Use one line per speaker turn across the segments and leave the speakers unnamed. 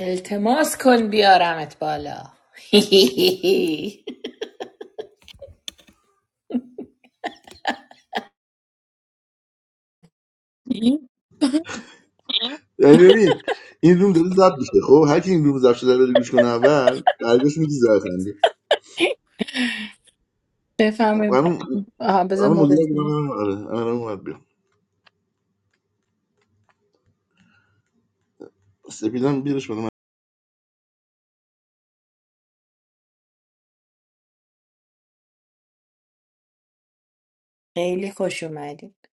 التماس کن بیارمت بالا
یعنی ببین این روم داره ضبط میشه خب هر کی این روم ضبط شده رو بره گوش کنه اول برگاش میگی زره خنده
بفهمید
الان
آها بذار
الان
ما
مدیر میگم آره الان اون وقت بیام سپیدم بیرش بالا
خیلی خوش اومدید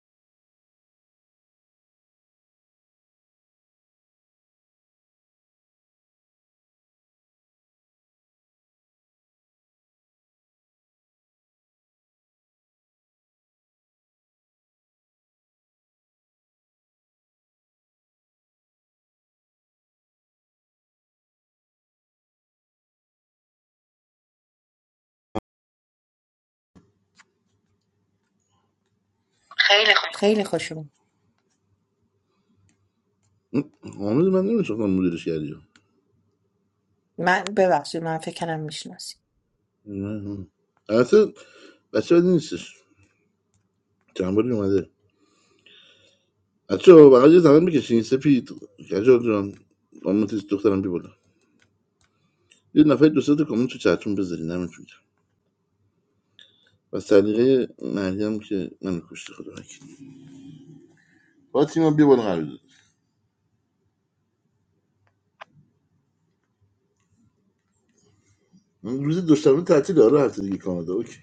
خیلی
خیلی خوش اومد
خوب حامد من نمیشناختم مدیرش کردی
من ببخشید من فکر کنم میشناسی
نه. البته بچه بدی نیستش چند باری اومده بچه بقید یه زمان بکشین سپید کجا جان خانم تیز دخترم بی بالا یه نفر دو سه تا کامنت تو چتون بذارین نمیتونم و سلیقه مریم که من کشته خدا وکیل فاطیما بیا بالا قرار روز دوشنبه تعطیل آره هفته دیگه کانادا اوکی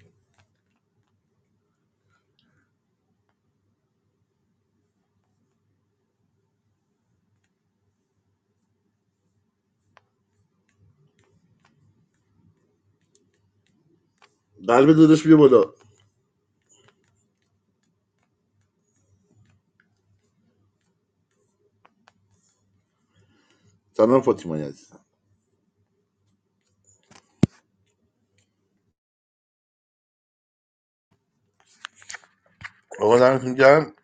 قلب داداش بیا بالا سلام فاطیما عزیزم آقا دمتون گرم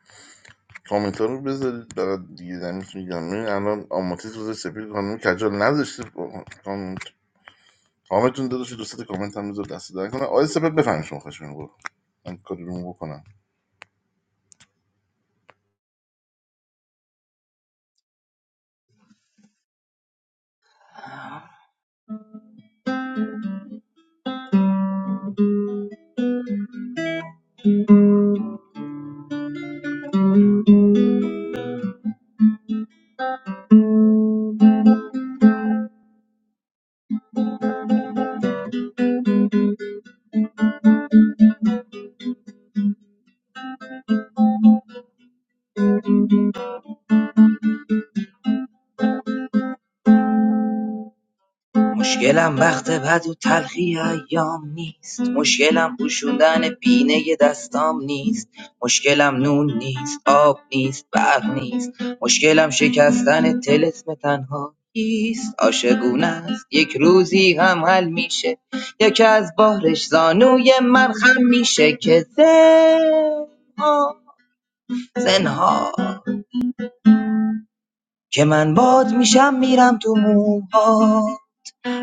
کامنت ها رو بذارید برای دیگه دمتون گرم ببین الان آماتیس روز سپید خانم کجال نذاشته با- کامنت کامنتون داداش دوستت کامنت هم بذار دست در کنه آقای سپید بفهم شما خوش بگو من کاری رو بکنم
مشکلم بخت بد و تلخی ایام نیست مشکلم پوشوندن بینه دستام نیست مشکلم نون نیست آب نیست برق نیست مشکلم شکستن تلسم تنهاییست عاشقونه است یک روزی هم حل میشه یکی از بارش زانوی من خم میشه که زنها زنها که من باد میشم میرم تو موها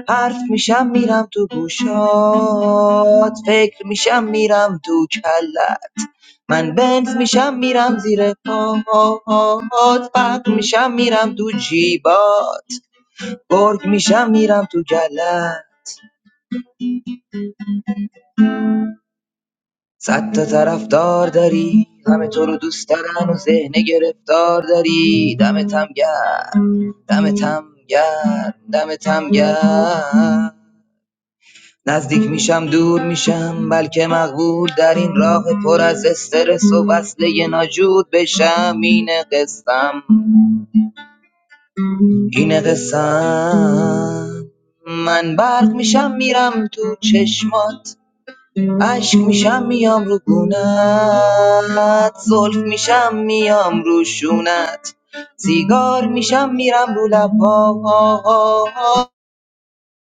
حرف میشم میرم تو گوشات فکر میشم میرم تو کلت من بنز میشم میرم زیر پاهات فرق میشم میرم تو جیبات گرگ میشم میرم تو گلت صد تا طرفدار داری همه تو رو دوست دارن و ذهن گرفتار داری دمتم گرم دمتم گرم دمتم گرم نزدیک میشم دور میشم بلکه مقبول در این راه پر از استرس و وصله ناجور بشم اینه قصم اینه قصم من برق میشم میرم تو چشمات عشق میشم میام رو گونت زلف میشم میام رو شونت سیگار میشم میرم رو لبات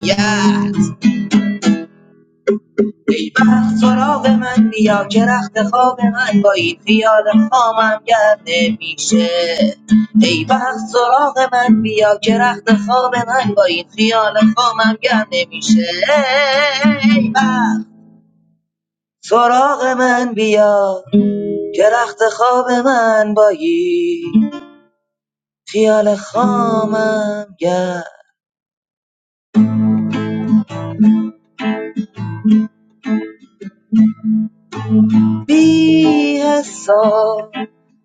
yeah! ای بخت سراغ من بیا که رخت خواب من با این خیال خامم گرد میشه ای بخت سراغ من بیا که رخت خواب من با این خیال خامم گرد میشه ای بخت سراغ من بیا که رخت خواب من با این خیال خامم گرد بی حساب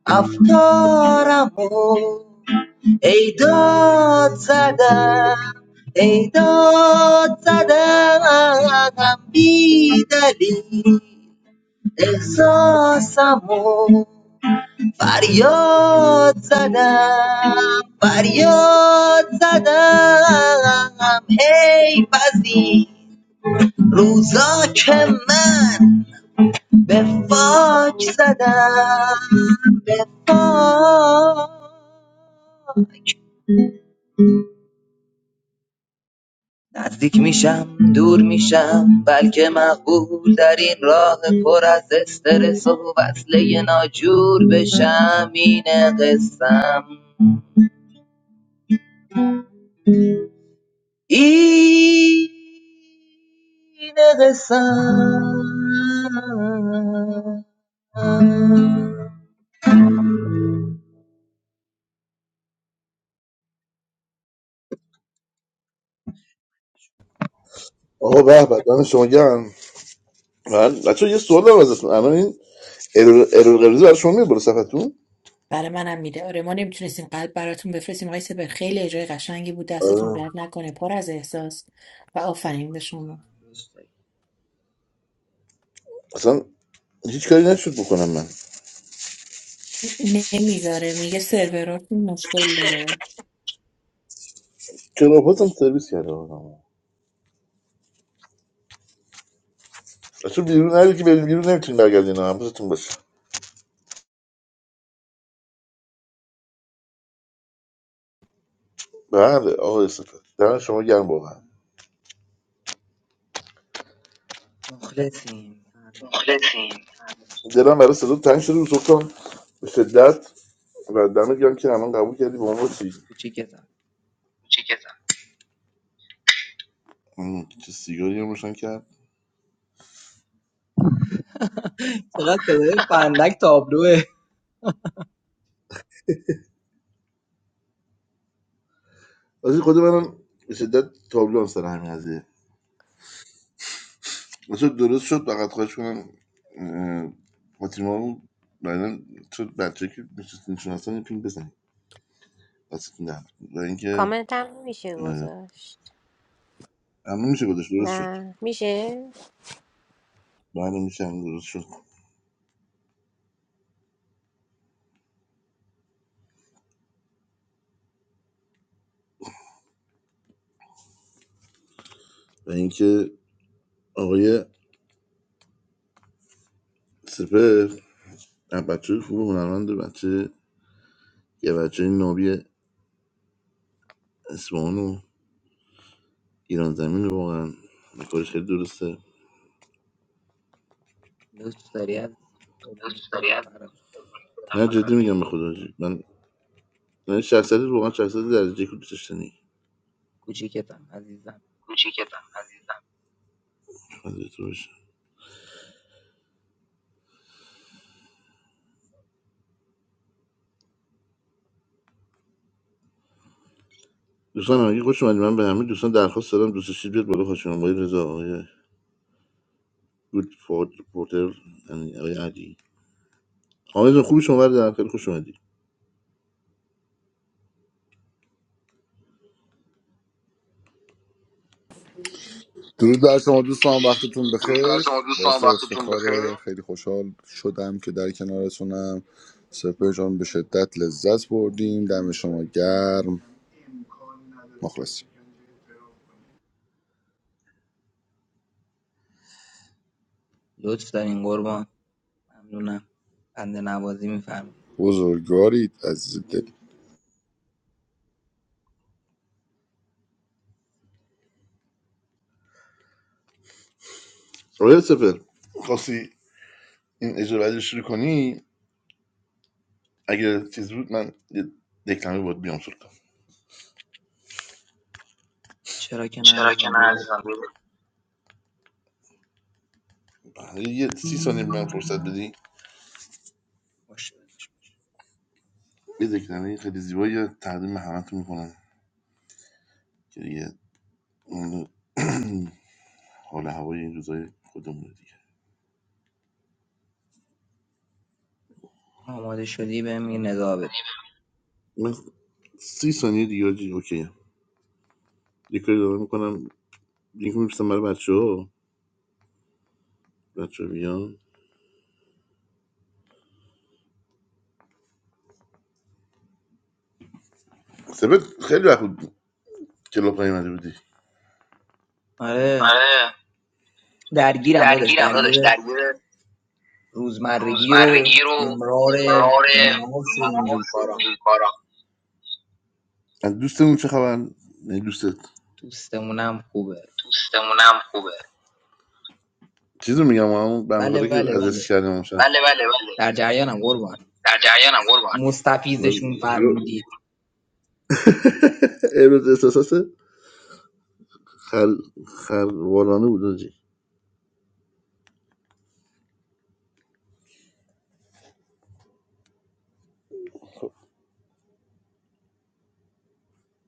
افکارم و ای داد زدم ای داد زدم بی دلیل احساسم و فریاد زدم فریاد زدم هی بزی روزا که من به فاک زدم به فاک نزدیک میشم دور میشم بلکه مقبول در این راه پر از استرس و وصله ناجور بشم اینه قسم این قسم
آقا به به دم شما گرم من بچه‌ها یه سوال دارم ازتون الان این ارور ارور قرمز برای شما میاد بالا صفحتون
برای منم میده آره ما نمیتونستیم قلب براتون بفرستیم آقای سپر خیلی اجرای قشنگی بود دستتون
آره.
درد نکنه پر از احساس و آفرین به شما
اصلا هیچ کاری نشد بکنم من
نمیذاره میگه سروراتون مشکل داره
کراپاتم سرویس کرده آقا. تو بیرون نری که بریم بیرون نمیتونی برگردین ها حواستون باشه بله آقای صفت دارم شما گرم واقعا
مخلصیم فردا جان.
مخلصیم دلم برای صدا تنگ شده بود سلطان به شدت و دمت گرم که همان قبول کردی با ما چی چیکتم م، چه سیگاری هم روشن کرد
چقدر صدای فندک تابلوه
از خود منم به شدت تابلو هم سر همین قضیه واسه درست شد فقط خواهش کنم اه، فاطیما رو بعدا تو بچه که میشستین شناسان این پینگ بزنید دستتون درد و اینکه
Comment time, Michelle goes
اه،
first.
همه میشه گذاشت درست شد
Nah, Michelle.
بله میشه همه درست شد و اینکه آقای سپر از بچه خوب هنرمند بچه یه بچه نابی اصفهان و ایران زمین واقعا و کارش خیلی درسته
لطف داری از قربونت
دوست داری
برم فراد
نه جدی میگم به خدا من من شخصیت واقعا شخصیت درجه که دوست داشتنی
کوچیکتم عزیزم
کوچیکتم عزیزم فدای تو دوستان همگی خوش اومدید من به همه دوستان درخواست دارم دوست داشتید بیاد بالا خوش اومدید آقای رضا آقای گود فورد پورتر یعنی آقای علی آقای جان خوب شما در خیلی خوش اومدی
درود بر شما دوستان وقتتون بخیر باعث افتخار خیلی خوشحال شدم که در کنارتونم سپر جان به شدت لذت بردیم دم شما گرم مخلصیم
لطف دارین قربان ممنونم بنده نوازی میفرمایید
بزرگوارید از دل
آقای سپر خواستی این اجابت رو شروع کنی اگه چیز بود من یه دکلمه باید بیام شد
چرا که نه
چرا که
عزیزم
نه
بیا بریم.
عزیزم بده بله، یه سی ثانیه من فرصت بدی
باشه داداش.
یه دکلمه خیلی زیبایی تقدیم همتون میکنم که دیگه اون حال و هوای این روزای خودمون دیگه
آماده شدی بهم یه نگاه بده
من سی ثانیه دیگه جی اوکی یه کاری دارم میکنم لینک میفرستم برای بچه ها بچه ها بیان سبت خیلی وقت بود کلاب نیومده بودی
آره
آره
درگیرم داداش
درگیرم
درگیر
داداش درگیر
روزمرگی رو
روزمرگی رو
امرار
امرار
معاش و اینجور
معاش و
کارام
این کارا از دوستمون چه خبر نه دوستت
دوستمونم خوبه
دوستمون هم خوبه چیزو میگم اون بنده خدا
بله
که
بله
اذیتش
بله
کردیم اون شب بله بله بله
در جریانم قربان
در جریانم قربان
مستفیزشون
حالا
فرمودید
امروز احساسات خل خلوارانه بود آجی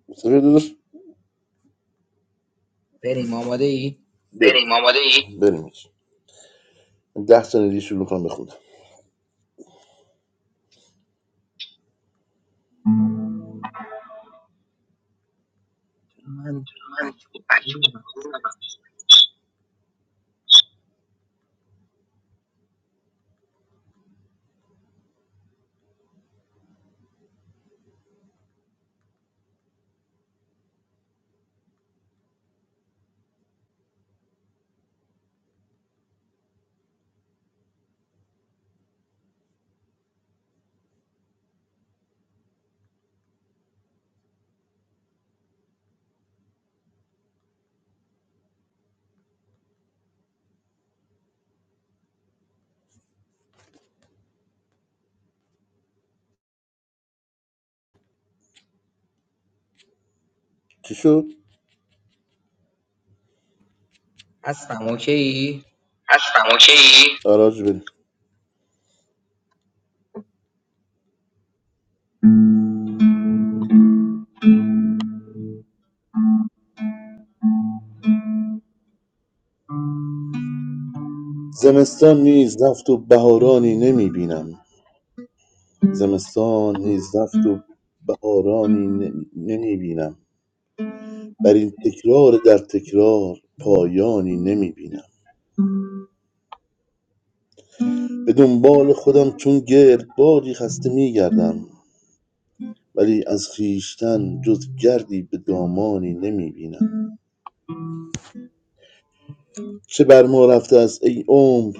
مصطفی داداش بریم
بریم آماده ای؟
بریم آماده ای؟ بریم آجی. ده ثانیه دیگه شروع کنم بخونم
من
من
بک بکنم.
مجبورم. چی شد
هستم اوکی ای
هستم اوکی؟ آراج بریم زمستان نیز رفت و بهارانی نمیبینم زمستان هیز رفت و بهارانی نمی بینم بر این تکرار در تکرار پایانی نمی بینم به دنبال خودم چون گرد بادی خسته می میگردم ولی از خویشتن جز گردی به دامانی نمی بینم چه بر ما رفته است ای عمر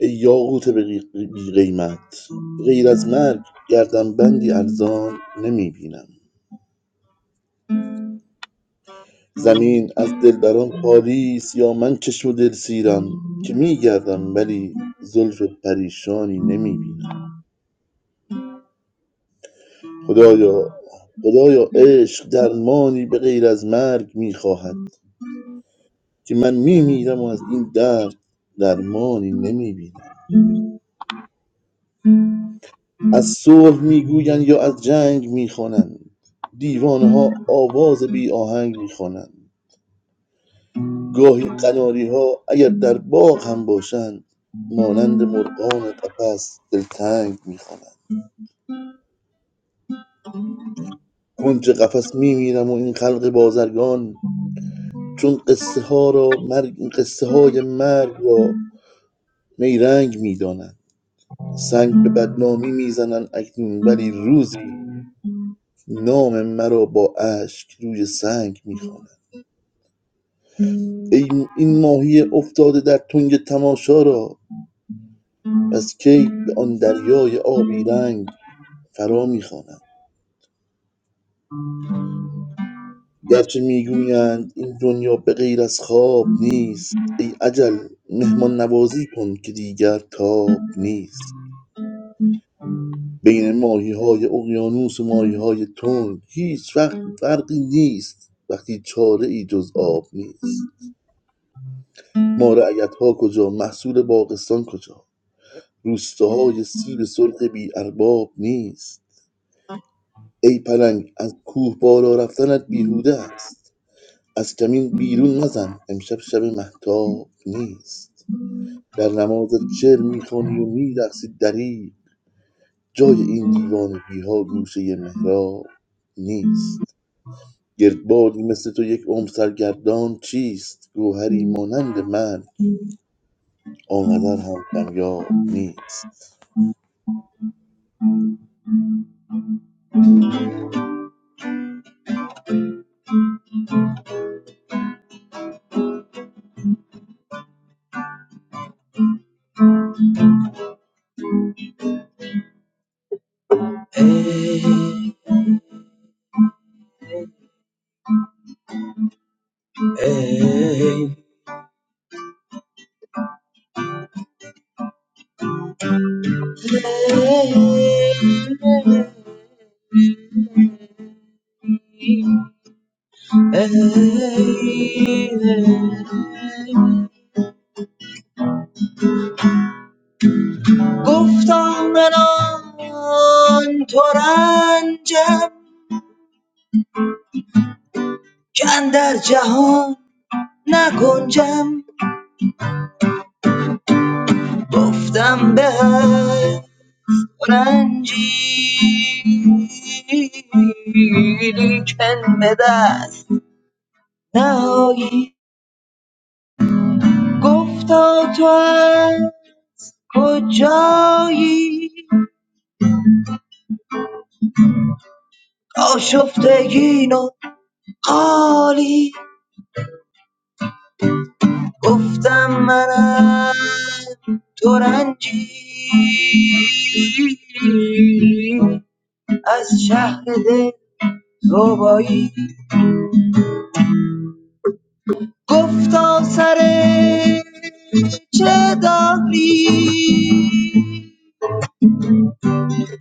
ای یاقوت بی بی قیمت غیر از مرگ گردن بندی ارزان نمی بینم زمین از دلبران خالی است یا من که چو دلسیرم که می گردم ولی زلف پریشانی نمی بینم خدایا خدایا عشق درمانی به غیر از مرگ می خواهد که من می میرم و از این درد درمانی نمی بینم از صلح می گویند یا از جنگ می خوانند دیوانه ها آواز بی آهنگ می خوانند گاهی قناری‌ها اگر در باغ هم باشند مانند مرغان قفس دلتنگ میخوانند. کنج قفس می‌میرم و این خلق بازرگان چون قصه ها را مرگ قصه های مرگ را نیرنگ می‌دانند سنگ به بدنامی میزنند اکنون ولی روزی نام مرا با اشک روی سنگ می‌خوانند ای این ماهی افتاده در تنگ تماشا را از کی به آن دریای آبی رنگ فرا می‌خوانند گرچه میگویند این دنیا به غیر از خواب نیست ای اجل مهمان نوازی کن که دیگر تاب نیست بین ماهی های اقیانوس و ماهی های تنگ هیچ وقت فرقی نیست وقتی چاره ای جز آب نیست ما رعیت ها کجا محصول باغستان کجا روستاهای سیب سرخ بی ارباب نیست ای پلنگ از کوه بالا رفتنت بیهوده است از کمین بیرون نزن امشب شب محتاب نیست در نمازت شعر میخوانی و میرقصی دریغ جای این دیوانگی ها گوشه محراب نیست گردبادی مثل تو یک عمر سرگردان چیست گوهری مانند من آنقدر هم کمیاب نیست
ای ای گفتم بنان تو رنجم که در جهان نگنجم گفتم به هر رنجی لیکن به دست نهایی گفتا تو از کجایی آشفتگین و قالی گفتم منم ترنجی از شهر دل زوبایی گفتا سر چه داری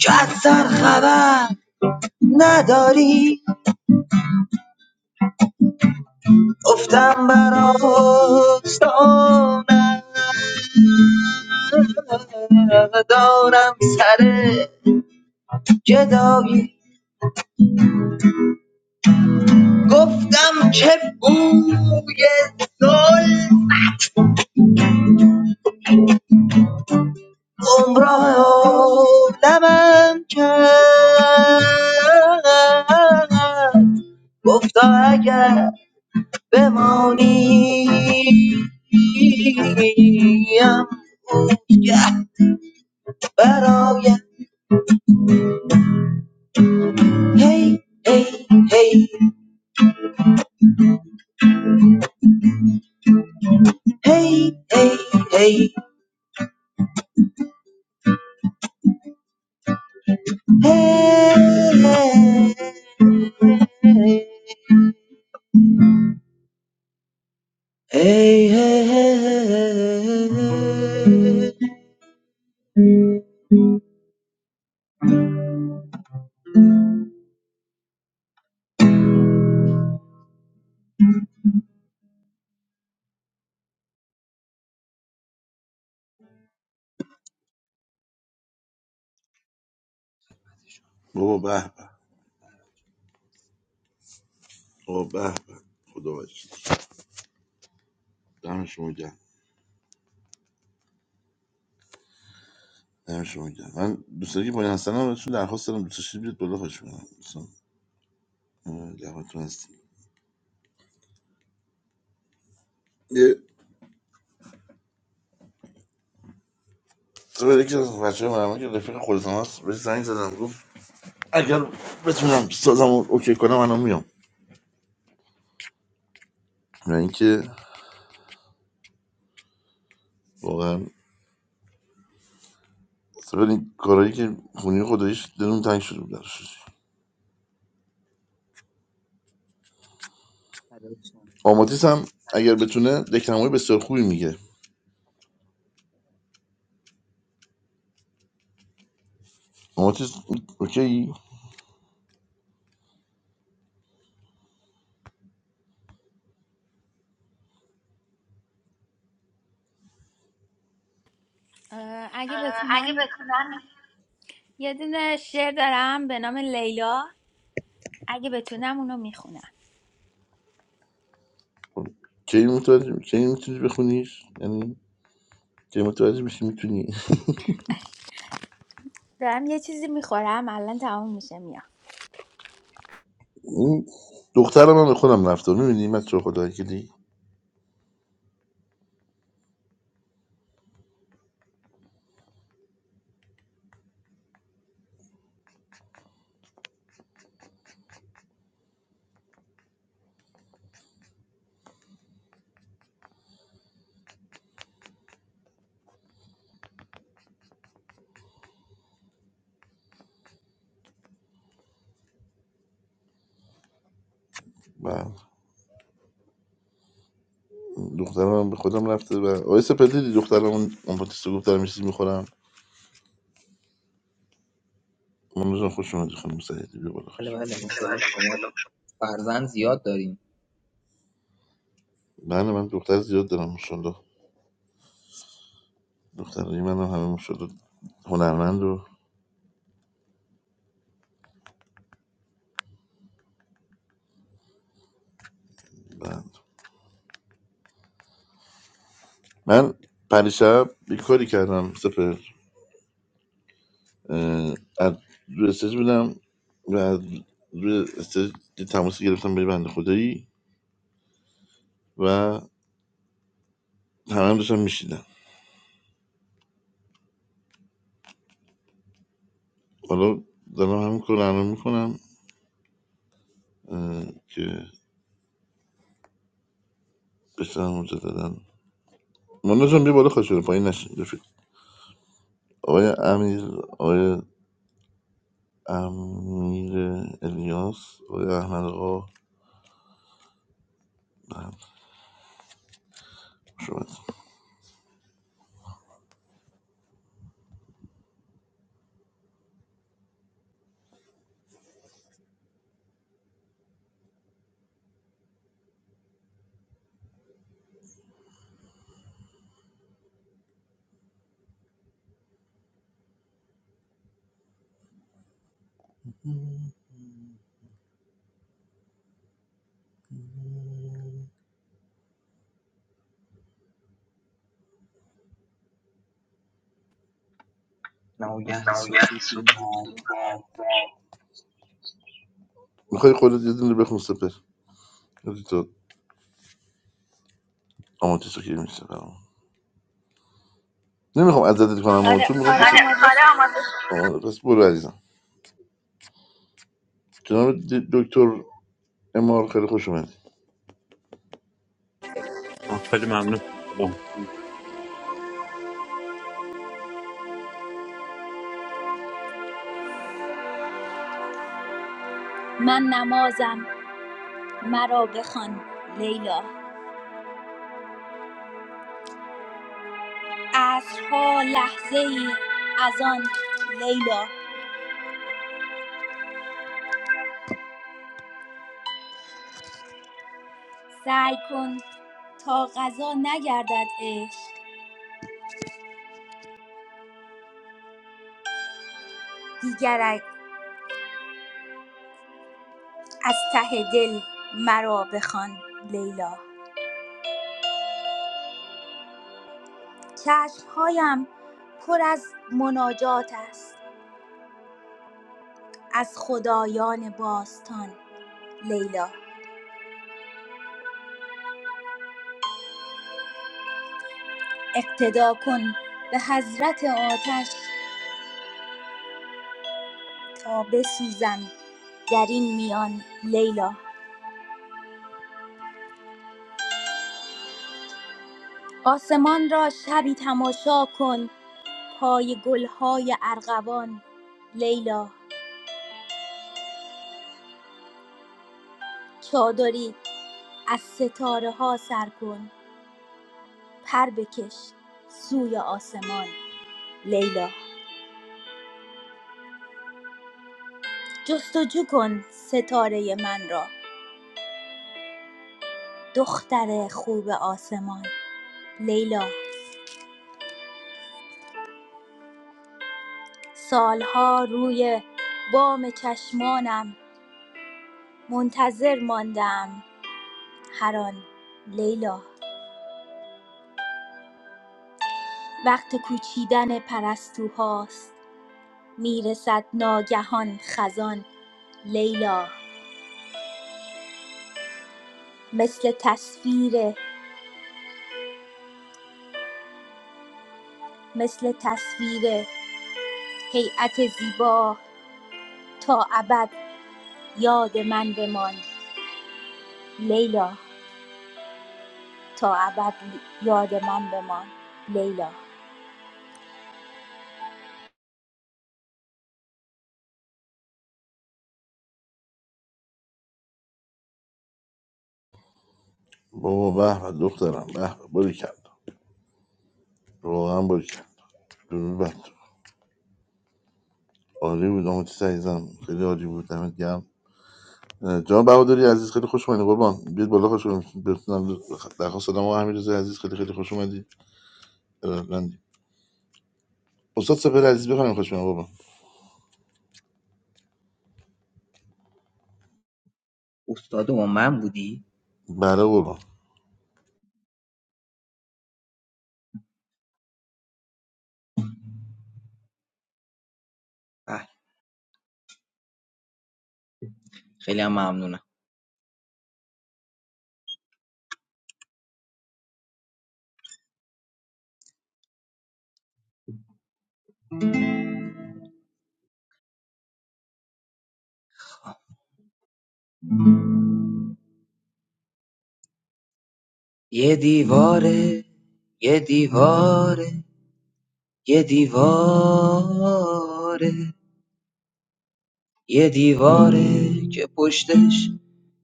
که از سر خبر نداری افتم بر آستانت دارم سر جدایی گفتم که بوی گل گمراه عالمم کرد گفتا اگر بمانی ام برای Hey, hey, hey, hey, hey, hey, hey. Hey, hey, hey, hey.
بابا به به بابا به به خدا وکیل دم شما گرم دم شما گرم من دوستانی که پایین هستن هم بهشون درخواست دارم دوستش بیاد بالا خوش کنم دوستان اه، هستیم تو به یکی از بچه مرمه که رفیق خودت هم هست بهش زنگ زدم گفت اگر بتونم سازم رو اوکی کنم الان میام و اینکه واقعا سر این کارهایی که خونی خداییش دلون تنگ شده بود درش
نداشتم.
آماتیس هم اگر بتونه دکلمهای بسیار خوبی میگه آماتیس اوکی
اه، اگه
اه، اگه
بتونم
بتونم
یه دونه شعر دارم به نام لیلا اگه بتونم اونو میخونم
خب، کی متوجه کی میتونی بخونیش یعنی کی متوجه میشی میتونی
دارم یه چیزی میخورم الان تمام میشه میام
این دخترم هم به خودم رفته میبینی من چه خدایی که دی دخترم به خودم رفته و آقای سپهری دیدی دخترم اون اون پاتیس گفت دارم یه چیزی میخورم مامان جان خوش اومدی خانم سعیدی بیا بالا خوش
بله بله ماشاءالله شما فرزند زیاد داریم
من من دختر زیاد دارم ماشاءالله دخترای منم همه ماشاءالله هنرمند و بند من پریشب یه کاری کردم سپر اه، از روی استیج بودم و از روی استیج یه تماسی گرفتم به یه بنده خدایی و همه هم داشتم میشیدم حالا دارم همین کار رو الان میکنم به سلام روزه دادن مانا جان بیا بالا خوش شده پایین نشین رفیق آقای امیر آقای امیر الیاس آقای احمد آقا نه شما
نمایه ستوتی مردان
میخوای خودت یه دونه بخون سپر یادی تو آماتیسو که میشه برام نمیخوام عزتت کنم آمان
آره
چون
آره
میخوام
آماده شد.
پس برو عزیزم جناب د- دکتر امار خیلی خوش اومدی
آه، خیلی ممنون سلام.
من نمازم مرا بخوان لیلا عصرها لحظه ای از آن لیلا سعی کن تا غذا نگردد عشق دیگر از ته دل مرا بخوان لیلا چشمهایم پر از مناجات است از خدایان باستان لیلا اقتدا کن به حضرت آتش تا بسوزم در این میان لیلا آسمان را شبی تماشا کن پای گلهای ارغوان لیلا چادری از ستاره ها سر کن پر بکش سوی آسمان لیلا جستجو کن ستاره من را دختر خوب آسمان لیلا سالها روی بام چشمانم منتظر ماندم هر آن لیلا وقت کوچیدن پرستوهاست میرسد ناگهان خزان لیلا مثل تصویر مثل تصویر هیئت زیبا تا ابد یاد من بمان لیلا تا ابد یاد من بمان لیلا
بابا به به دخترم به به باری کرد واقعا باری کرد درود بر تو. عالی بود آماتیس عزیزم خیلی عالی بود دمت گرم جان بهادری عزیز خیلی خوش اومدی قربان بیاد بالا خوش اومدی بتونم درخواست دادم آقا رضا عزیز خیلی خیلی خوش اومدی ارادتمندی استاد سپهر عزیز بخوام خوش اومد قربان
استاد ما من بودی؟
بله قربان
بله خیلی هم ممنونم یه دیواره یه دیواره یه دیواره یه دیواره که پشتش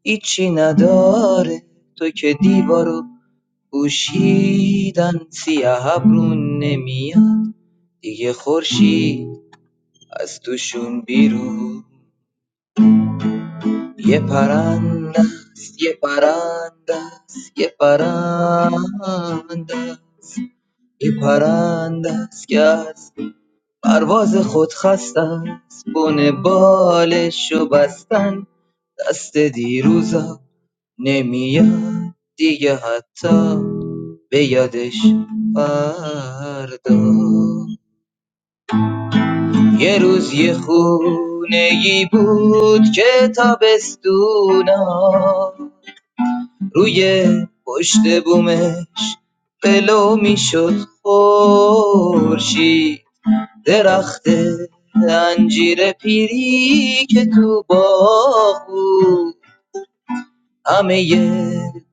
هیچی نداره تو که دیوارو پوشیدن سیاه ابرون نمیاد دیگه خورشید از توشون بیرون یه پرنده است یه پرنده است یه پرنده است یه پرنده است که از پرواز خود خست است بن بالش و بستن دست دیروزا نمیاد دیگه حتی به یادش فردا یه روز یه خونه ای بود که تابستونا روی پشت بومش بلو میشد خورشید درخت انجیر پیری که تو باغ بود همه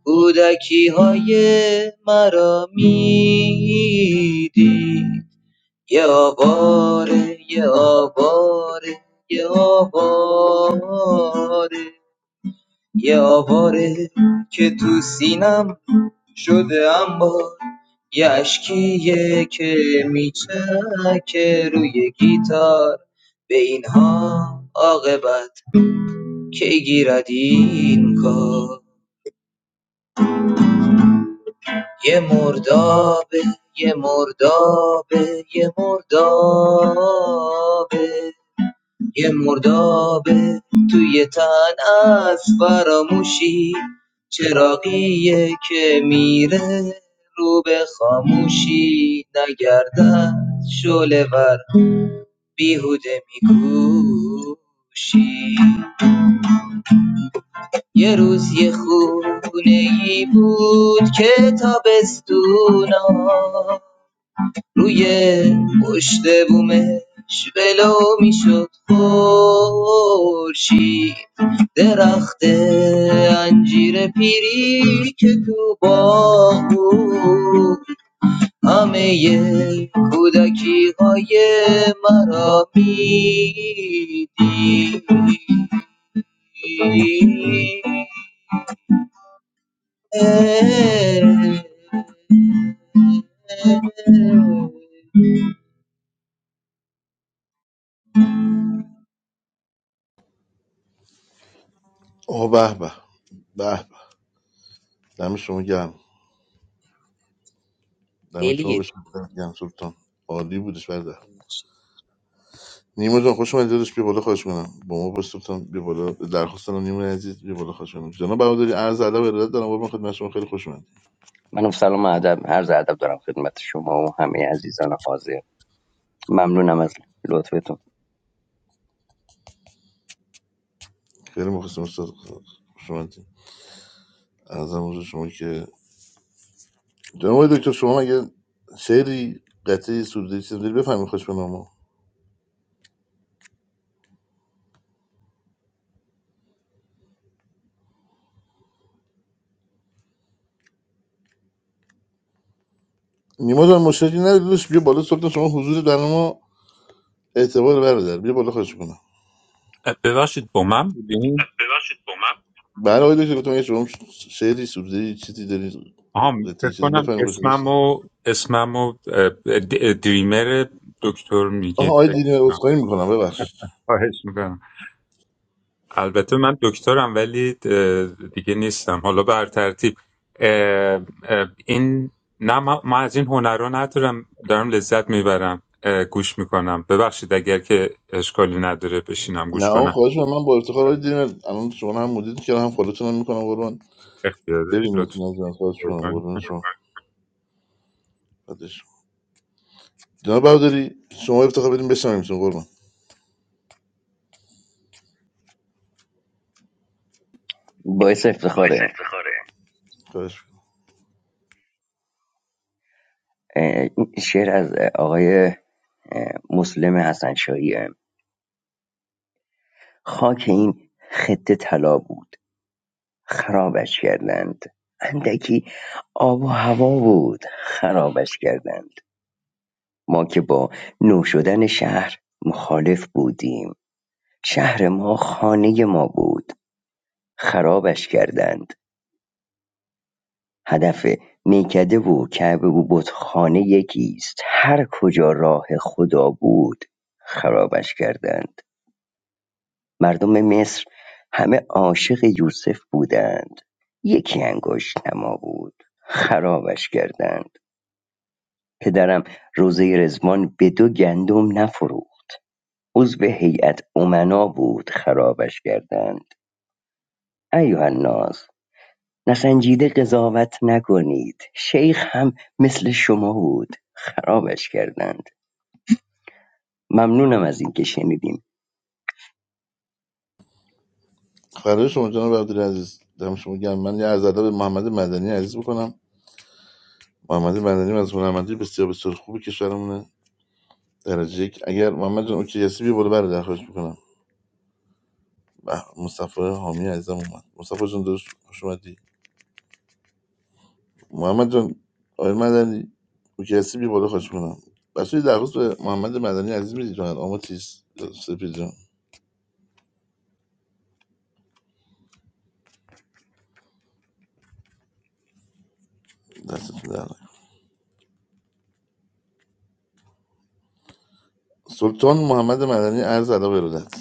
کودکی‌های مرا میدید یه آواره یه آواره یه آواره یه آواره که تو سینم شده اما یه اشکیه که میچکه روی گیتار به اینها عاقبت کی گیرد این کار یه مردابه یه مردابه یه مردابه یه مردابه توی تن از فراموشی چراقیه که میره رو به خاموشی نگردد شعله ور بیهوده میکوشی یه روز یه خونه ای بود که تابستونا روی پشت بومش ولو میشد خورشید درخت انجیر پیری که تو باغ بود همه کودکی های مرا میدید
آه به به به به دم شما گرم دم شما به
دلیه
شما گرم سلطان عالی بودش برده نیما جان خوش اومدی داداش بیا بالا خواهش کنم با ما باش سلطان بیا بالا درخواست دارم نیما عزیز بیا بالا خواهش کنم جناب بهادری عرض ادب و ارادت دارم قربان خدمت شما خیلی خوش اومدید
منم سلام و ادب هر ادب دارم خدمت شما و همه عزیزان حاضر ممنونم از لطفتون
خیلی مخلصم استاد خوش اومدید ارزم حضور شما که جناب آقای دکتر شما مگه شعری قطعی سروده چیز داری بفهمی خوش به نامو نیما جان مشکلی نداری داداش بیا بالا صبح شما حضور در ما اعتبار برادر بیا بالا خوش کنم
اه، ببخشید با من بودین
بله آقای دکتر گفتم اگه شما شعری سروده چیزی داری
آها
قطعی
فکر
چیزی
کنم
بفهمی خوش بشه
اسمم و اسمم و اه، د- دریمر دکتر
آها
میگید
آقای
فکر
دینر
کنم
اسخایی میکنم ببخشید
خواهش میکنم البته من دکترم ولی اه، دیگه نیستم حالا بر ترتیب اه، اه، این نه ما من از این هنر رو ندارم دارم لذت میبرم گوش میکنم ببخشید اگر که اشکالی نداره بشینم
نه
گوش
آقا
کنم
خواهش می‌کنم. من با افتخار آقای دینر الان شما رو هم مدید که هم فالوتون هم میکنم قربان
اختیاره
ببینیمتون از جان خواهش میکنم
لطفا
قربان شما بعدش جناب برادری شما افتخار بدین بشنویمتون قربان
باعث
باعث
افتخاره
افتخاره خواهش
اه، این شعر از اه، آقای اه، مسلم حسن شاهیه خاک این خطه طلا بود خرابش کردند اندکی آب و هوا بود خرابش کردند ما که با نو شدن شهر مخالف بودیم شهر ما خانه ما بود خرابش کردند هدف میکده و کعبه و بتخانه یکی هر کجا راه خدا بود خرابش کردند مردم مصر همه عاشق یوسف بودند یکی انگشت نما بود خرابش کردند پدرم روزه رزوان به دو گندم نفروخت عضو هیئت امنا بود خرابش کردند ایها الناس نسنجیده قضاوت نکنید شیخ هم مثل شما بود خرابش کردند ممنونم از اینکه شنیدیم
برای شما جناب عبدال عزیز دم شما گرم من یه عرض ادب به محمد مدنی عزیز بکنم محمد مدنی از هنرمندی بسیار بسیار خوبی کشورمونه درجه یک اگر محمد جان اوکی هستی بیا بالا برای درخواست میکنم به مصطفی حامی عزیزم اومد مصطفی جان درست خوش اومدی محمد جان آقای مدنی اوکی هستی بیا بالا خواهش میکنم بچه یه درخواست به محمد مدنی عزیز میدید جان آما چیز سپید جان دستتون در نکنه. سلطان محمد مدنی عرض ادب و ارادت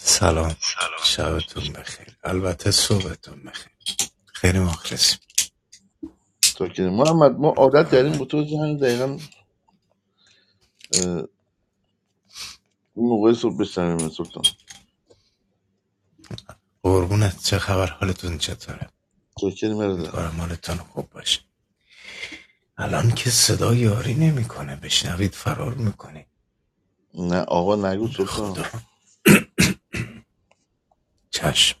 سلام
سلام
شبتون بخیر البته صبحتون بخیر خیلی مخلصیم
تو که محمد ما عادت
امیدوارم
کردیم
حال-
به تو همین دقیقا اه، این موقع صبح بشنویم سلطان
قربونت چه خبر حالتون چطوره
چکر مرده
امیدوارم حالتون خوب باشه الان که صدا یاری نمیکنه بشنوید فرار میکنه
نه آقا نگو
به
سلطان
خدا چشم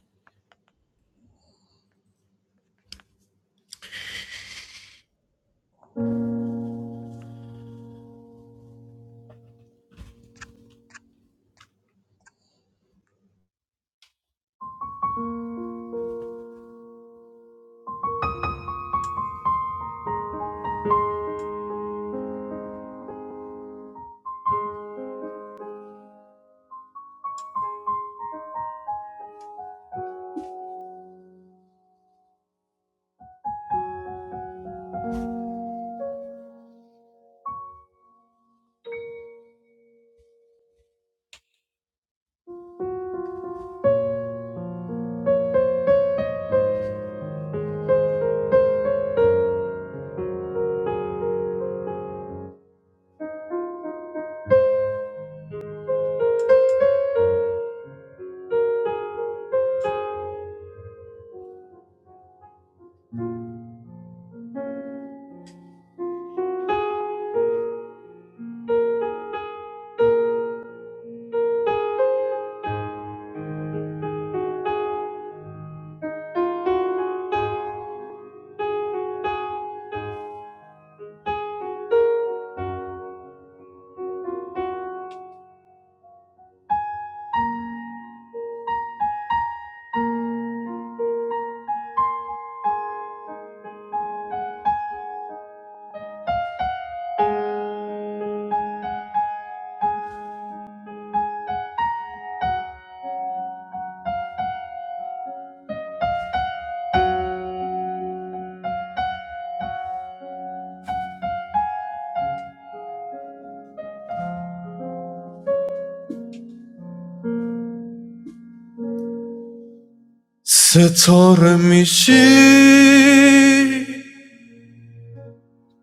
ستاره میشی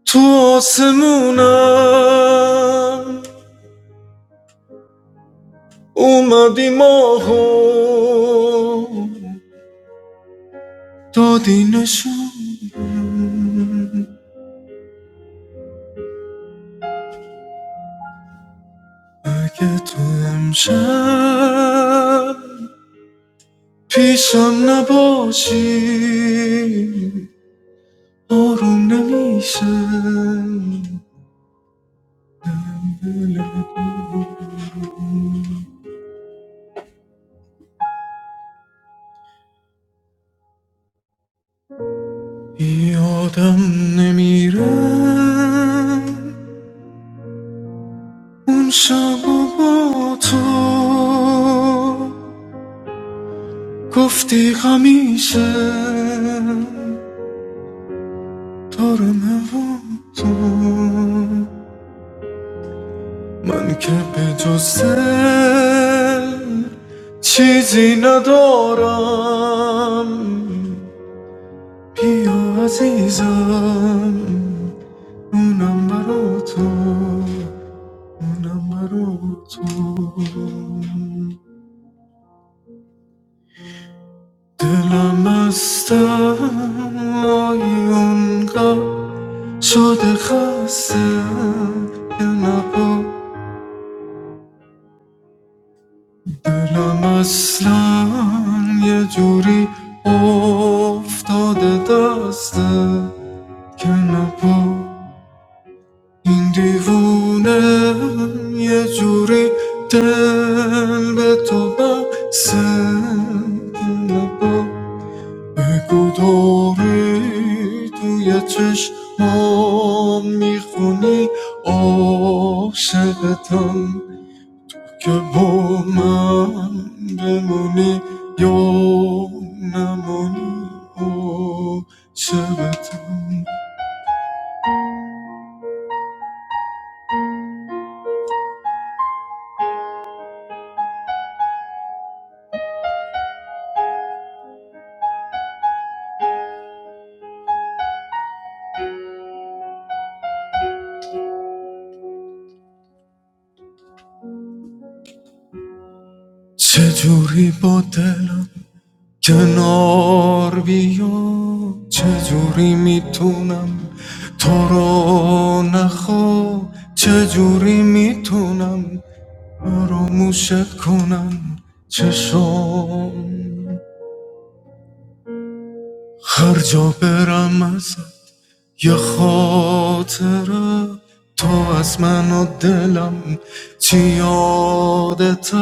تو آسمونم اومدی ماهو دادی نشون اگه تو امشب پیشم نباشی آروم نمیشه یادم نمیره اون شب با تو گفتی همیشه دارم هوا تو من که به جز چیزی ندارم بیا عزیزم اونم برا تو اونم برا تو دلم از تنهایی اونقدر شده خسته که نبا دلم اصلا یه جوری افتاده دسته که نپا این دیوونه یه جوری دل به تو بسته که نپا بگو داری توی چشمام میخونی عاشقتم که با من بمونی یا نمونی عاشقتم چجوری با دلم کنار بیا چجوری میتونم تو رو نخوا چجوری میتونم فراموشت کنم چشام هر جا برم ازت یه خاطره تو از من و دلم چی یادته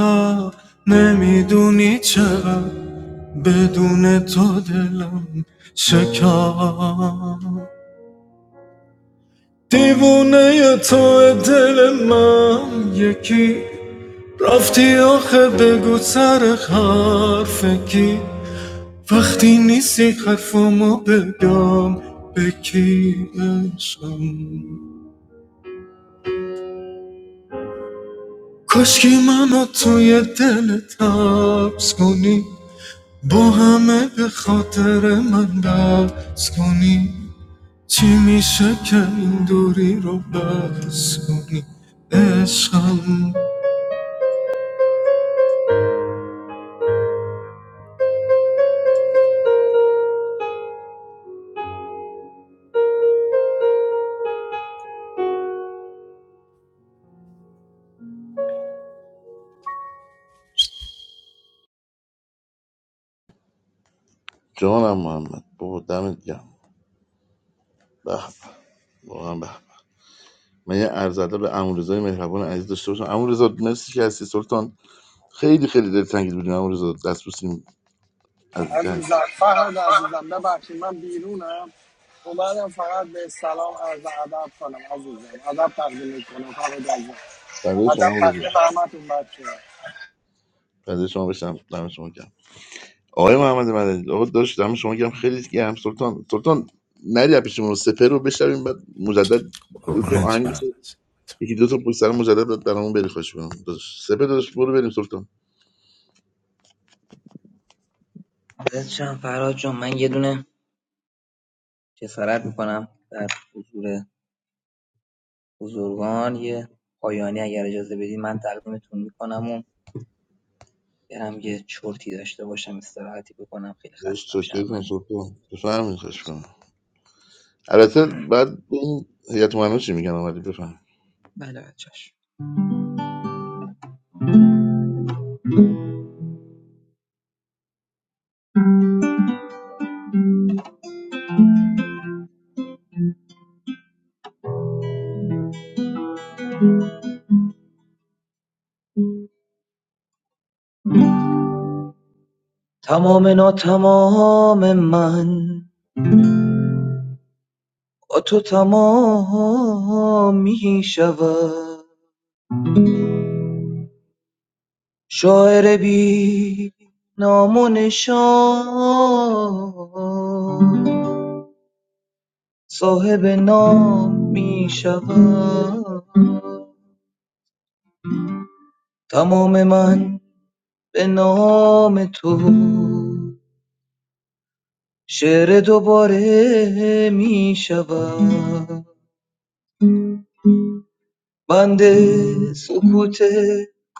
نمیدونی چقدر بدون تو دلم شکم دیوونه تو دل من یکی رفتی آخه بگو سر حرف کی وقتی نیستی حرفمو بگم به کی کاشکی منو توی دل تبس کنی با همه به خاطر من بس کنی چی میشه که این دوری رو بس کنی عشقم
جانم محمد بابا دمت گرم به به، واقعا به به. من یه عرضده به امورزای مهربان عزیز داشته باشم امورزا مرسی که هستی سلطان خیلی خیلی دل تنگید بودیم امورزا دست بوسیم از اینجا هست
عزیزم فرهاد عزیزم ببخشید من بیرونم اومدم فقط به سلام عرض ادب کنم عزیزم ادب تقدیم کنم فرهاد عزیزم
بعد
ادب
شما امورزا
تقدیم همتون بچه
بعد شما بشم دم شما گرم آقای محمد مدنی آقا داشت دم شما گرم خیلی گرم سلطان سلطان نری پیشمون سپر رو بشنویم بعد مجدد دو تا
قربونت
آهنگ
برم
یکی دو تا پشت سر مجدد داد برامون بری خوش کنم داداش سپه داداش برو بریم سلطان
بلشم فرهاد جون من یه دونه جسارت میکنم در حضور بزرگان یه پایانی اگر اجازه بدید من تقدیمتون میکنم و برم یه چرتی داشته باشم استراحتی بکنم خیلی
داداش
خستم
چاکری کن
شرمنده
سلطان بفهمین خوش کنم البته بعد این هیئت مهمه چی میگن آمدی بفهم
بله بچهش تمام نا تمام من با تو تمام می شود شاعر بی نام و نشان صاحب نام می شوم تمام من به نام تو شعر دوباره می شوم بنده سکوت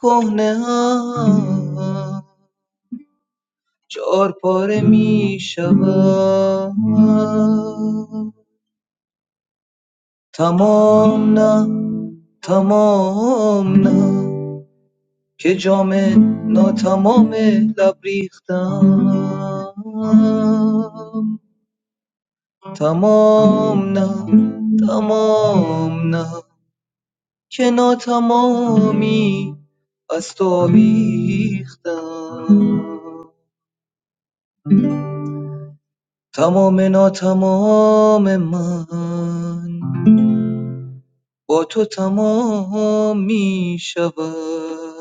کهنه ام چهار پاره می شوم تمام نه تمام نه که جام ناتمام لب ریختم تمام نه تمام نه که ناتمامی از تو آویختم تمام ناتمام من با تو تمام می شود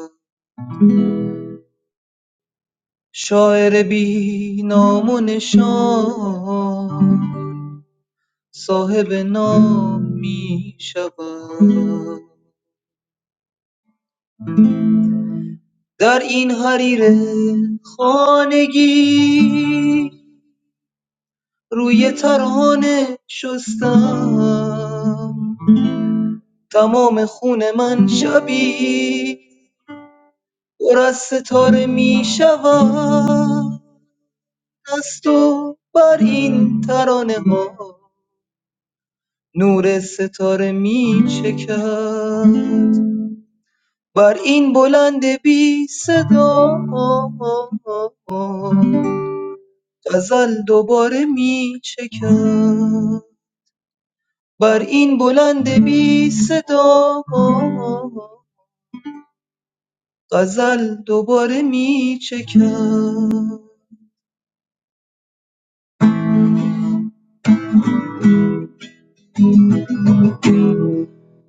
شاعر بی نام و نشان صاحب نام می شود در این حریر خانگی روی ترانه شستم تمام خون من شبی پر از ستاره می شود از تو بر این ترانه ها نور ستاره می چکد بر این بلند بی صدا غزل دوباره می چکم بر این بلند بی صدا غزل دوباره می چکم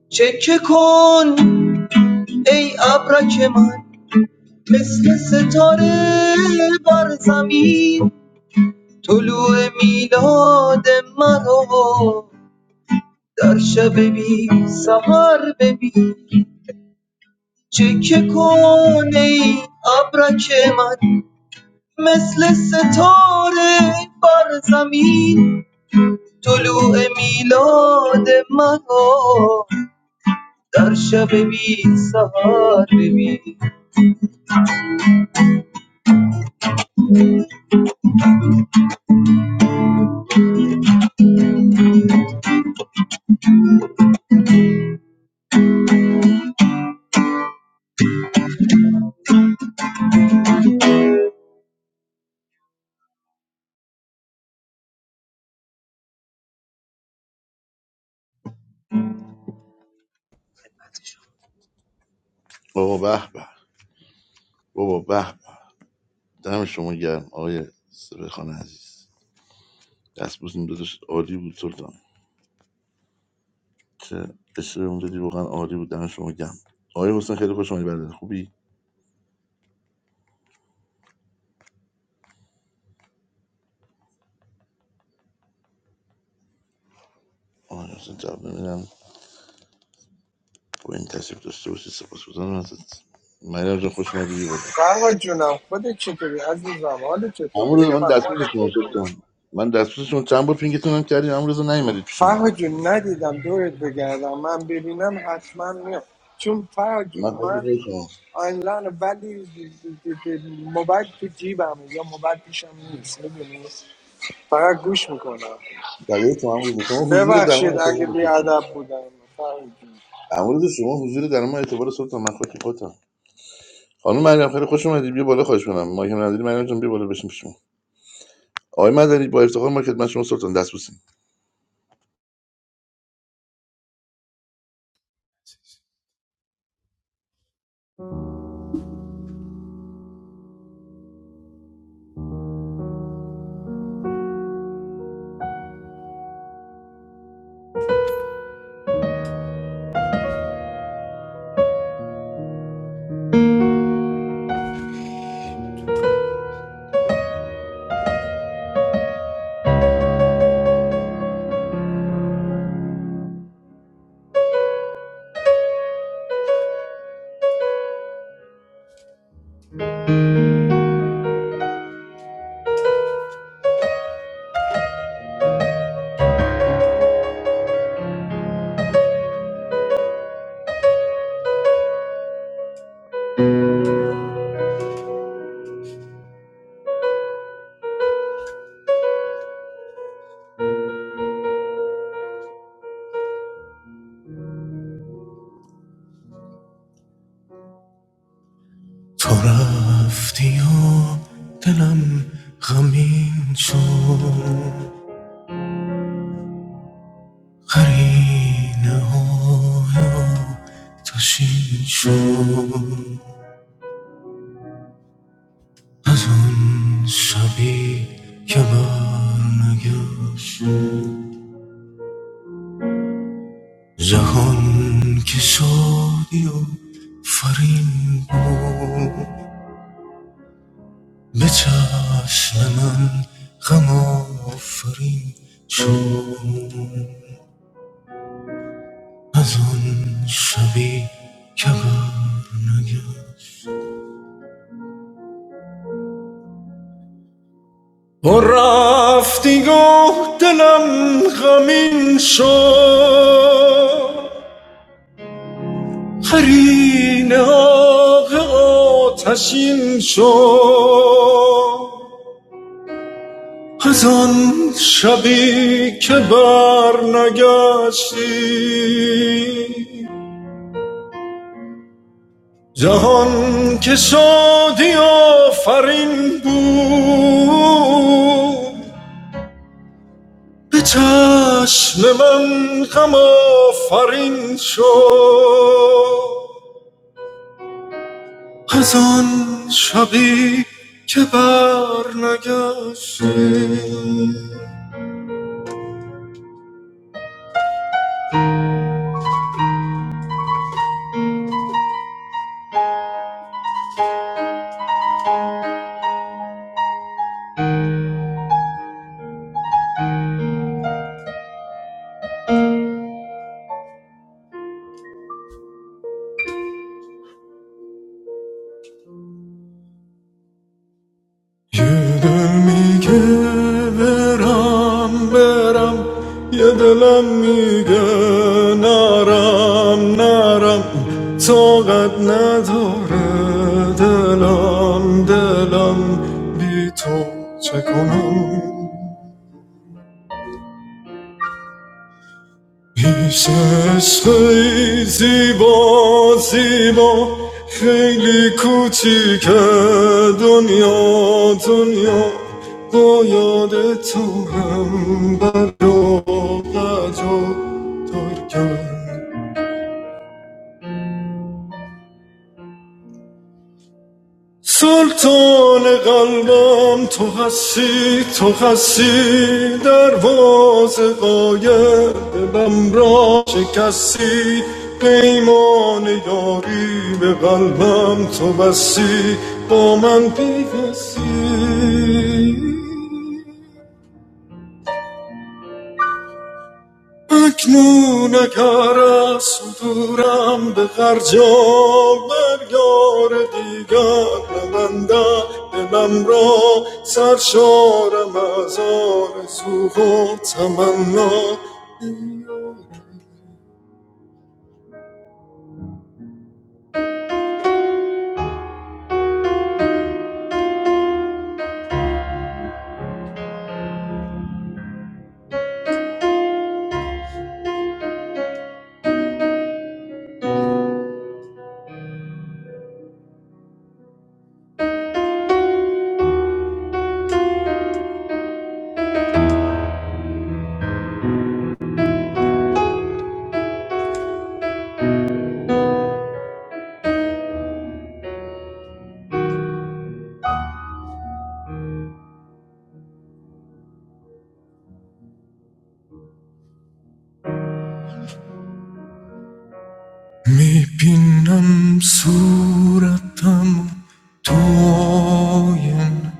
چکه کن ای ابرک من مثل ستاره بر زمین طلوع میلاد مرا در شب بی سهر ببین چه که کنه ای ابرک من مثل ستاره بر زمین طلوع میلاد منو در شب بی سهر ببین
بابا به به بابا به به دم شما گرم آقای سپه خان عزیز دست بوسیم داداش عالی بود سلطان چه قصه اون دادی واقعا عالی بود دم شما گرم آقای حسین خیلی خوش اومدی برادر خوبی آقای حسین جواب نمیدم با این تشریف داشته باشی سپاسگزارم ازت مریم جان خوش اومدی
فرهاد جونم خودت چطوری عزیزم حال چطوری بگم
امروز من
از
دستورتون
خودت
رو
بگو.
کن من دستورتون چند بار پینگتون هم کردیم امروز نیومدید پیشمون
فرهاد جون ندیدم دورت بگردم من ببینم حتما میام چون فرهاد جون
من
من
خیلی شما
آنلاین ولی موبایل تو جیبم یا موبایل پیشم نیست میدونی فقط گوش میکنم
برای تو امروز شما حضور در من
ببخشید
اعتبار
اگه
خودتون
بیادب بودم فرید جون.
امروز شما حضور در من اعتبار صبحتون من خاک خودتم خانم مریم خیلی خوش اومدید بیا بالا خواهش کنم ما هم نداری مریم جان بیا بالا بشین پیشمون آقای مدنی با افتخار ما خدمت شما سلطان دست بوسیم
تو رفتی و دلم غمین شد قرینه ها یا تشین شد از آن شبی که بر نگشت جهان که شادی و فرین بود به چشم من غم آفرین شد از آن شبی که بر نگشت و رفتی گفت دلم غمین شد قرین آق آتشین شد از آن شبی که بر نگشتی جهان که شادی آفرین بود به چشم من غم آفرین شد از آن شبی که بر نگشتی یه دل میگه برم برم یه دلم میگه نرم نرم طاقت نداره دلم دلم بی تو چه کنم پیش خیلی زیبا زیبا خیلی کوچیک دنیا دنیا با یاد تو هم بر و بجا دار کرد سلطان قلبم تو هستی تو هستی درواز قایب بم را شکستی پیمان یاری به قلبم تو بستی با من پیوستی اکنون اگر از صدورم به غرجام بر یار دیگر ببندد دلم را سرشارم از آرزو و تمنا میبینم صورتم تو آین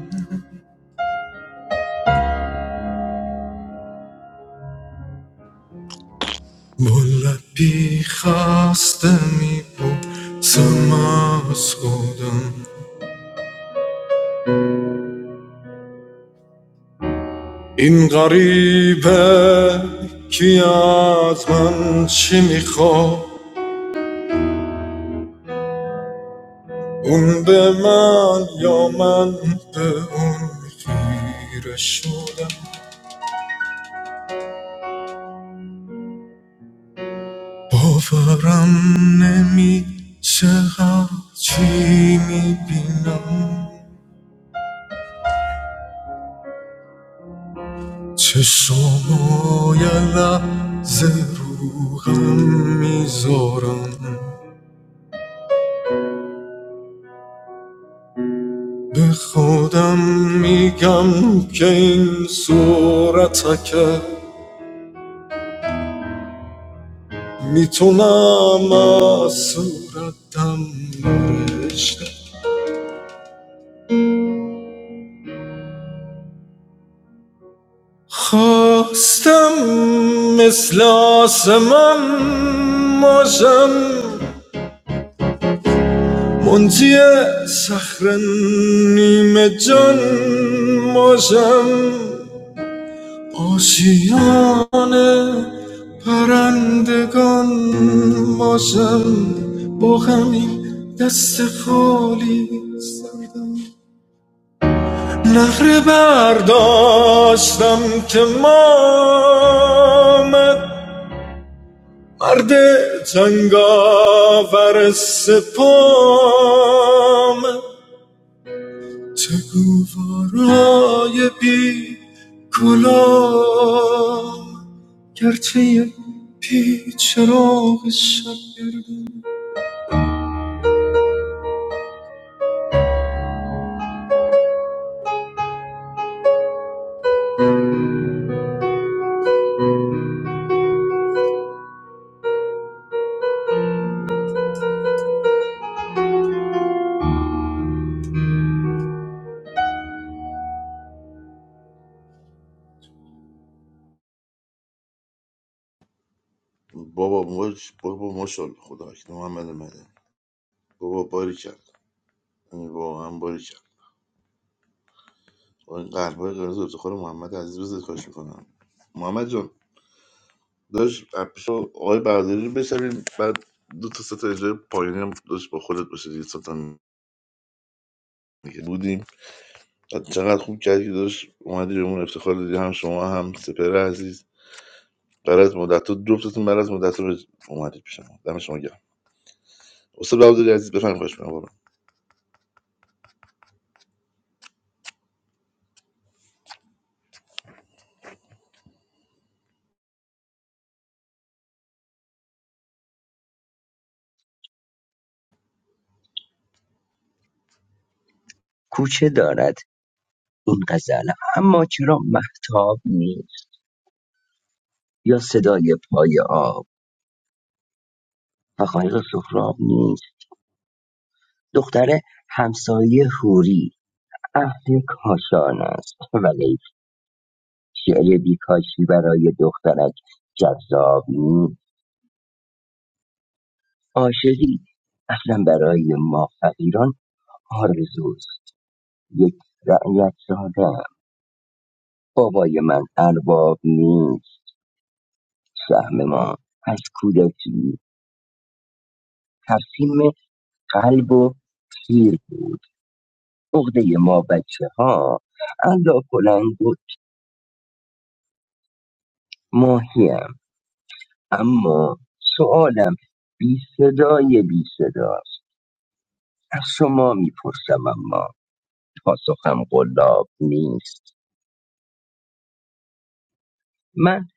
با لبی خسته میبوسم از خودم این غریبه کی از من چی میخواد اون به من یا من به اون خیره شدم باورم نمیشه چقدر چی میبینم چشمای لحظه رو غم میذارم به خودم میگم که این صورتکه میتونم از صورتم برشته خواستم مثل آسمان ماشم منجی سخر نیمه جان ماشم آشیان پرندگان ماشم با همین دست خالی سردم نخره برداشتم که مامد مرد جنگاور سپام چه گوارای بی کلام گرچه پیچ راغ شب
بابا مش بابا ماشاءالله خدا وکیل محمد مدنی بابا باری کرد یعنی واقعا باری کرد با این قلبای قرمز افتخار محمد عزیز بزرگ خواهش میکنم محمد جان داشت اپشو آقای برداری رو بشنویم بعد دو تا سه تا اجرای پایینی هم داشت با خودت بشه دیگه سه تا دیگه بودیم بعد چقدر خوب کردی که داشت اومدی به اون افتخار دادی هم شما هم سپر عزیز برای از مدت تو جفتتون برای از مدت تو اومدید پیش ما دم شما گرم استاد بهادری عزیز بفرمایید خواهش می‌کنم بابا
کوچه دارد این غزل اما چرا محتاب نیست یا صدای پای آب و قایق سهراب نیست دختر همسایه هوری اهل کاشان است ولی شعر بیکاشی برای دخترک جذاب نیست عاشقی اصلا برای ما فقیران آرزوست یک رعیت ساده بابای من ارباب نیست سهم ما از کودکی تصمیم قلب و تیر بود عقده ما بچه ها الا بلند و ماهیم اما سوالم بی صدای بی صداست از شما میپرسم اما پاسخم قلاب نیست من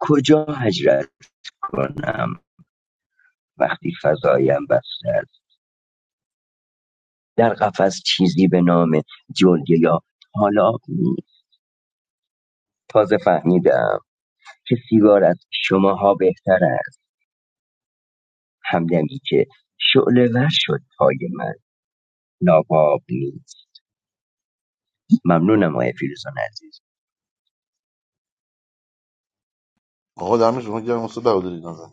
کجا هجرت کنم وقتی فضایم بسته در قفس چیزی به نام جلگه یا حالا تازه فهمیدم که سیگار از شماها بهتر است همدمی که شعله ور شد پای من ناباب نیست ممنونم آقای فیروزان عزیز
آقا دم شما گرم استاد بهادری نازن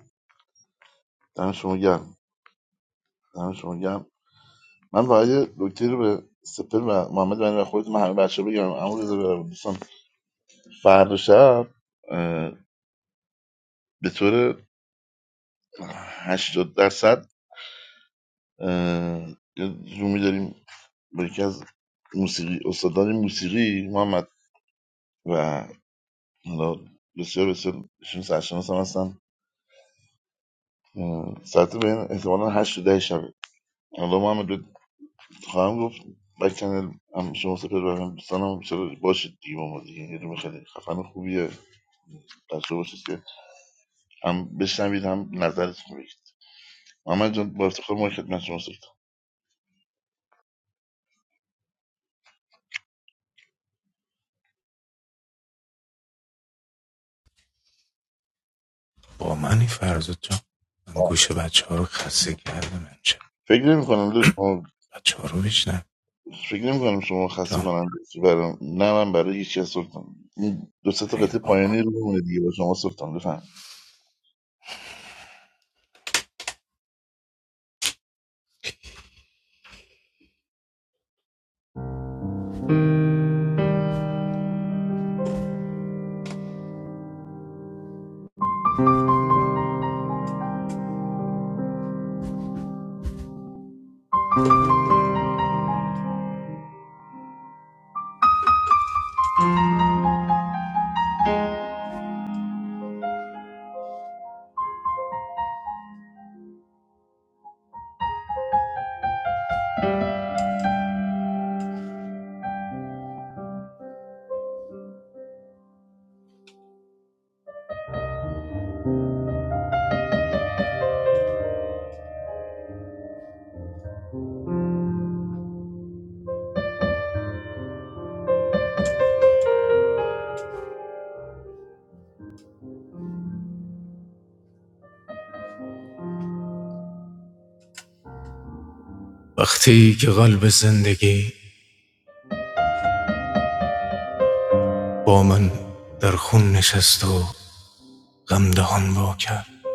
دم شما گرم دم شما گرم من فقط یه نکته رو به سپر و محمد و خودت من همه بچه بگم امروز دوستان فردا شب اه، به طور 80 درصد یه زومی داریم با یکی از موسیقی استادان موسیقی محمد و حالا بسیار بسیار ایشون سرشناس هم هستن اه، ساعت بین احتمالا 8 تا 10 شبه حالا محمد بهت خواهم گفت بک چنل هم شما سپر برم دوستانم هم بسیار باشید دیگه با ما دیگه یه دونه خیلی خفن خوبیه بچه باشید که هم بشنوید هم نظرتون بگید محمد جان با افتخار ما خدمت شما سپر
با منی فرزاد جان من گوش بچه ها رو خسته کردم امشب
فکر نمی کنم دوست ما
بچه ها رو بشنم
فکر نمی کنم شما خسته
جان
کنم باشی برام نه من برای هیچ کس سلطان این دو سه تا قطعه
این
پایانی
بابا
رو بمونه دیگه با شما سلطان بفهم
وقتی که قلب زندگی با من در خون نشست و غم دهان وا کرد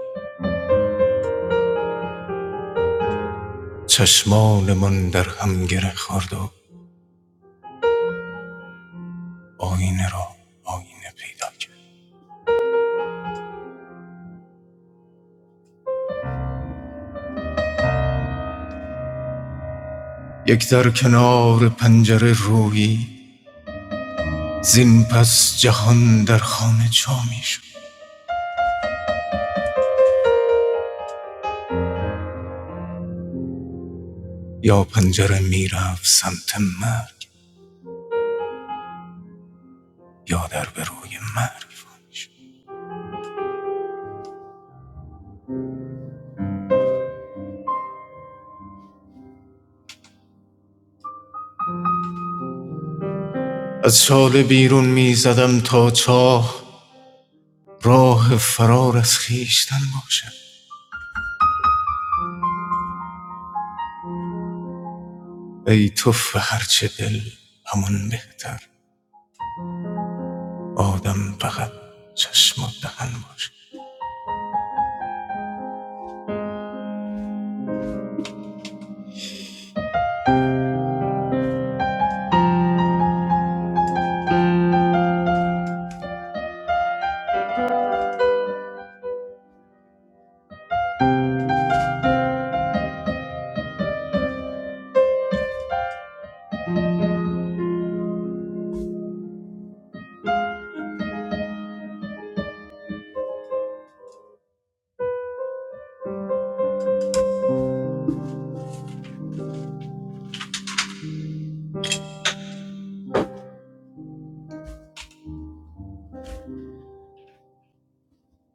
چشمان من در هم گره خورد و آینه را آینه پیدا کرد یک در کنار پنجره رویی زین پس جهان در خانه جا شد یا پنجره می رفت سمت مرگ یا در به روی مرگ فرو شد. از شاله بیرون می زدم تا چاه راه فرار از خیشتن باشد ای تو هرچه دل همون بهتر آدم فقط چشم و دهن باشه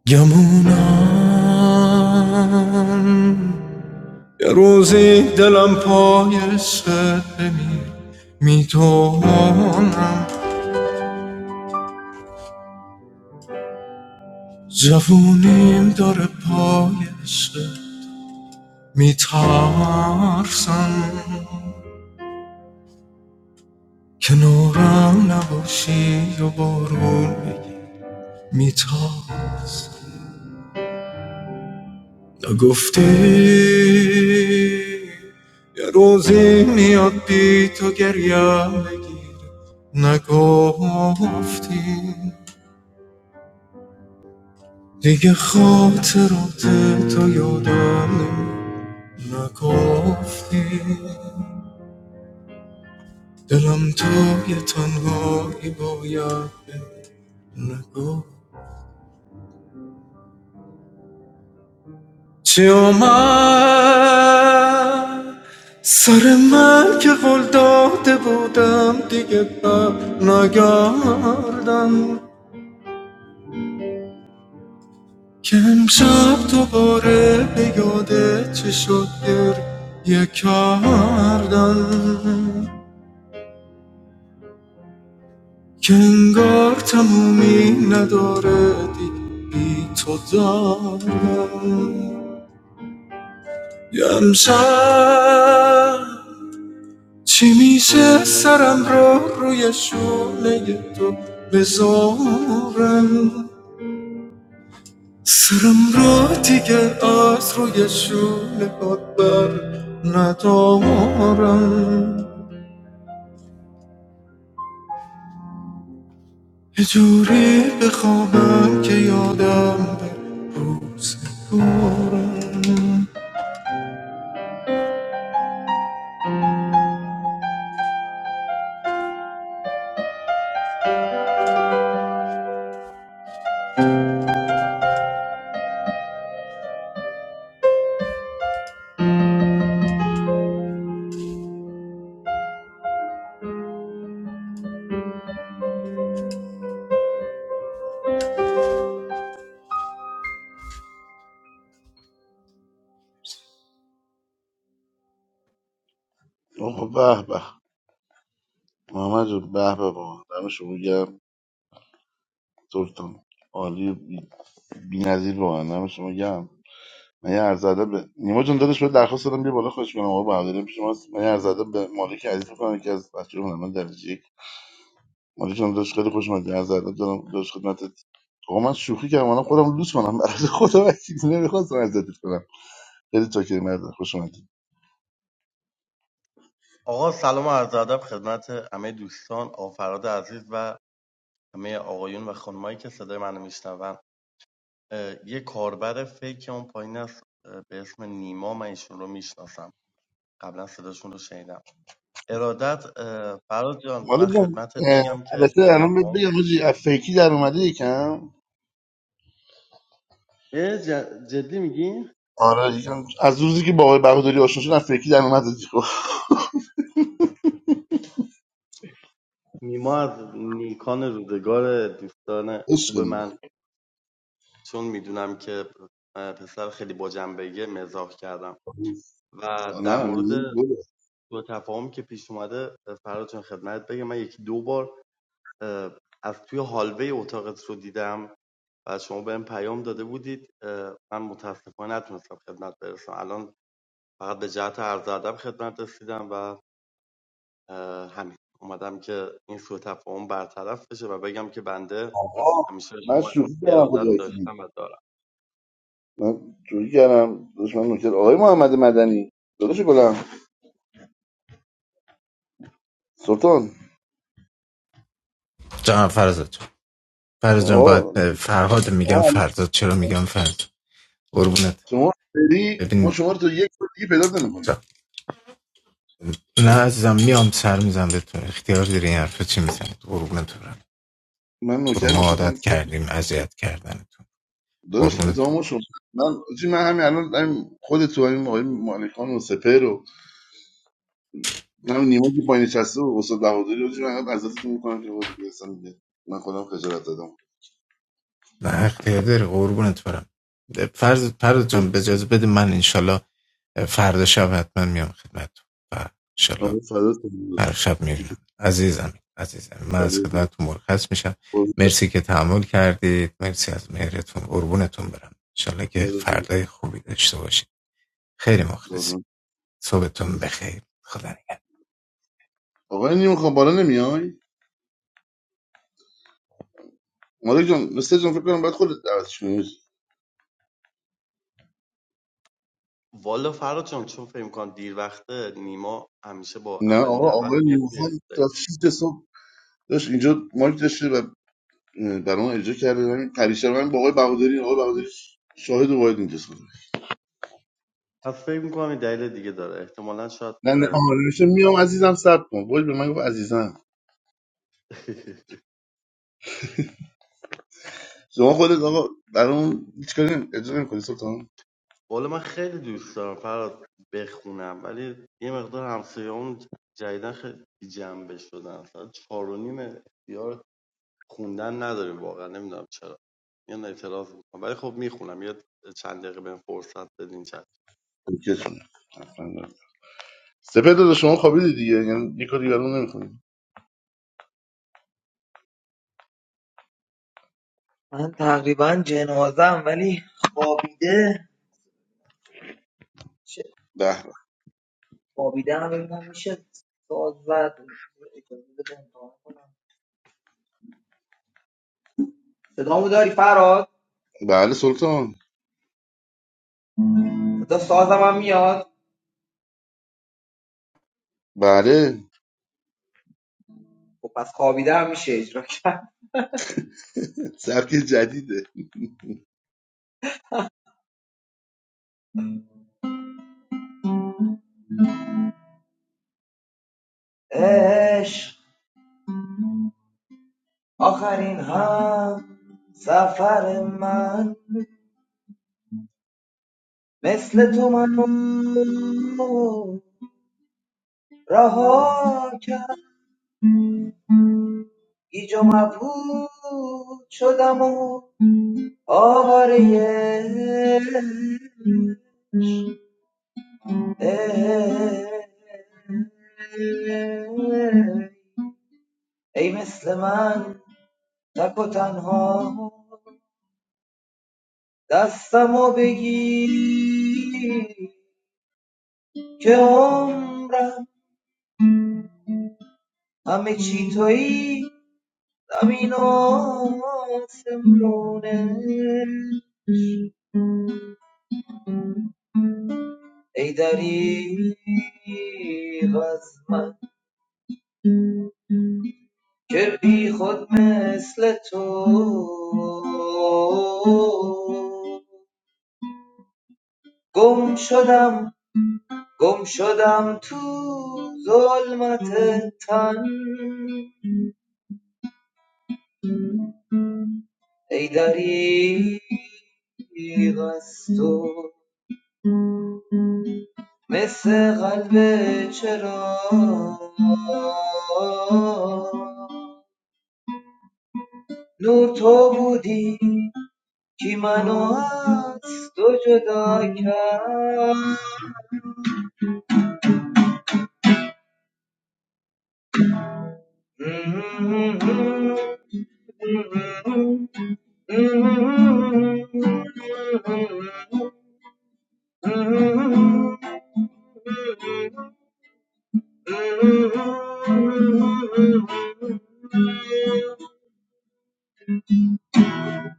گمونم یه روزی دلم پای سد بمیر میدونم جوونیم داره پای سد میترسم کنارم نباشی و بارون بگی میترسم نگفتی یه روزی میاد بی تو گریم بگیر نگفتی دیگه خاطرات تو یادم نمی- نگفتی دلم تو یه تنهایی باید بری. نگفت چی آمد سر من که قول داده بودم دیگه بر نگردم که امشب دوباره به یاده چه شد گریه کردن که انگار تمومی نداره دیگه بی تو دارم یه امشب چی میشه سرم رو روی شونه تو بذارم سرم را دیگه از روی شونه باد بر ندارم یه جوری بخوابم که یادم بمارم
آقا به به محمد جون به به با دم شما گرم سلطان عالی بی‌نظیر با من دم شما گرم من یه عرض ادب به نیما جون داداش بهت درخواست دادم بیا بالا خوش کنم آقا بهادری پیش شما هست. من یه عرض ادب به مالک عزیز می‌کنم که از بچه‌های هنرمند درجه یک مالی داشت خیلی خوش اومدی از ادب دارم داشت خدمتت آقا من شوخی کردم الان خودم لوس کنم برای خدا وکیل نمیخواستم ازت کنم خیلی چاکر مرد خوش اومدی
آقا سلام و عرض ادب خدمت همه دوستان آفراد عزیز و همه آقایون و خانمایی که صدای منو میشنون یه کاربر فیک اون پایین است به اسم نیما من ایشون رو میشناسم قبلا صداشون رو شنیدم ارادت اه، فراد جان من
مالی جان
خدمتت
اه،
بگم که
البته
به
الان بهت
تفاهم
بگم حاجی از فیکی در اومده یکم
اه، ج- جدی میگی
آره یکم از روزی که با آقای بهادری آشنا شدم از فیکی در اومده دیگه خب
نیما از نیکان روزگار دوستان
عشق
خوب
داری.
من چون میدونم که اه، پسر خیلی با جنبگه مزاح کردم و
آه،
در
نه
مورد
میگم گله.
سوء تفاهمی که پیش اومده فراد جان خدمت بگم من یکی دو بار از توی هالوی اتاقت رو دیدم و از شما بهم پیام داده بودید من متاسفانه نتونستم خدمت برسم الان فقط به جهت عرض ادب خدمت رسیدم و اه، همین اومدم که این سوء تفاهم برطرف بشه و بگم که بنده
آه،
همیشه
من
شما
شوخی کردم
ارادت
خدا وکیلی
داشتم و دارم
من شوخی کردم داشت من نکرد آقای محمد مدنی داداش گلم سلطان
جان فرزاد جان فرزاد جان
آقا
باید فرهاد میگم
آقا
فرزاد چرا میگم فرزاد قربونت
شما فری ما
ببین
شما رو تا یک سال دیگه پیدا نمی‌کنیم
جان نه عزیزم میام سر میزم به تو اختیار داری این حرفا چی میزنی قربونت برم
من
برو
نوکرم
ما
تو هم
عادت کردیم اذیت کردنتون
داداش
قربونتون
اتمام شما من چی من همین الان همین خود تو همین آقای مالکان و سپر و همین نیما که پایین نشسته و استاد بهادری رو چی من از تو میکنم که بودی اصلا دیگه من خودم خجالت دادم
نه حق داری قربونت برم فرض پرد جان به اجازه بده من انشالله فردا شب حتما میام خدمتتون و انشالله
آره فدا تو
هر
داداش
شب
کوچیک
میبینم عزیزم عزیزم من
فدا
از
تو
خدمتتون مرخص میشم
قربونت،
مرسی که تحمل کردید مرسی از مهرتون قربونتون برم انشالله که
فدا تو.
فردای خوبی داشته باشید خیلی مخلصی
قربونت، فدا
صبحتون
تو.
بخیر خدا نگهدار.
آقای نیما خان بالا نمیای مالک جان مثل جان فکر کنم بعد خودت دعوتش کنی
والا فراد جان چون فکر کنم دیر وقته نیما همیشه با
نه
اولین
آقا
دعوت
آقای
میاد
نیما خان
توی
تا 6 صبح داشت اینجا مایک داشته و برام اجرا کرده همین پریشب من با آقای بهادری آقای بهادری شاهد و باید اینجاست
پس فکر میکنم این دلیل دیگه داره احتمالا شاید
نه نه
اه،
آره میشه میام عزیزم صبر کن وای به من گفت عزیزم شما خودت آقا برام هیچ کاری نمی- اجرا نمی‌کنی سلطان
قول من خیلی دوست دارم فراد بخونم ولی یه مقدار همسایه‌مون جدیدن خیلی بی جنبه شدن مثلا چهار و نیم اختیار خوندن نداریم واقعا نمیدونم چرا میان اعتراض میکنم ولی خب میخونم یه چند دقیقه بهم فرصت بدین چند
اوکیتونه سپه دادا شما خوابیدی دیگه یعنی یه کاری برام نمی‌کنی
من تقریبا جنازم ولی خوابیده چه
به به.
خوابیده هم ببینم میشه ساز زد اجازه بده امتحان کنم صدامو داری فراد
بله سلطان
صدا سازم هم میاد
بله
خب پس خوابیده هم میشه اجرا کرد
سبک جدیده
عشق آخرین هم سفر من مثل تو منو رها کرد گیج و مبهوت شدم و آواره ای مثل من تک و تنها دستمو بگی که عمرم همه چی تویی زمین و آسمونه ای دریغ از من که بی خود مثل تو گم شدم گم شدم تو ظلمت تن ای دریغ از تو مثل قلب چرا نور تو بودی که منو از تو جدا کرد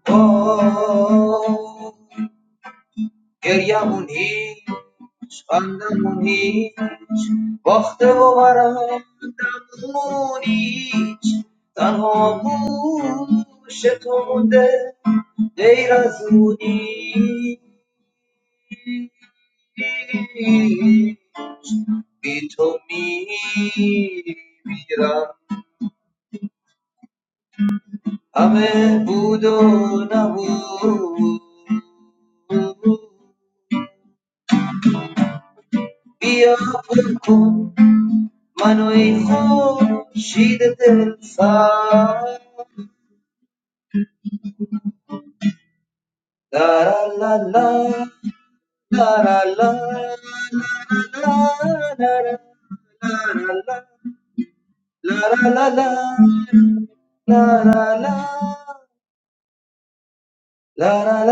آه، گریمون هیچ خندمون هیچ باخته و برندمون هیچ تنها گوش تو مونده غیر از اونی بی تو میمیرم همه بود و نبود بیا پر کن منو ای خورشید دل سر لا لا لا لا لا لا لا لا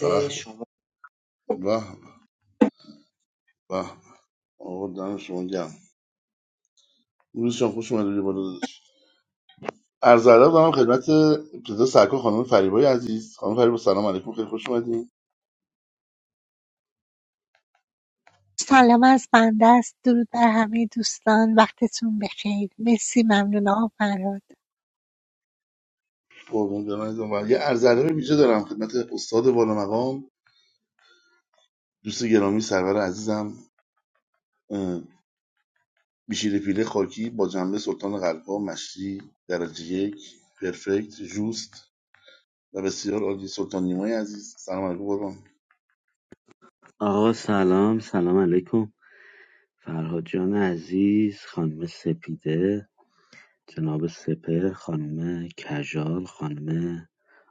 به به به به آقا دم شما گم روزشان خوش اومده بالا داداش. عرض ادب دارم خدمت ابتدا سرکار خانم فریبای عزیز خانم فریبا سلام علیکم خیلی خوش اومدین
سلام از بنده است درود بر همه دوستان وقتتون بخیر مرسی ممنون آقا فراد
قربون دارم عزیزم و یه عرض ادب ویژه دارم خدمت استاد بالا مقام دوست گرامی سرور عزیزم اه، بیشیر پیله خاکی با جنبه سلطان قلبها مشتی درجه یک پرفکت جوست و بسیار عالی سلطان نیمای عزیز سلام علیکم قربان
آقا سلام سلام علیکم فرهاد جان عزیز خانم سپیده جناب سپه خانم کژال خانم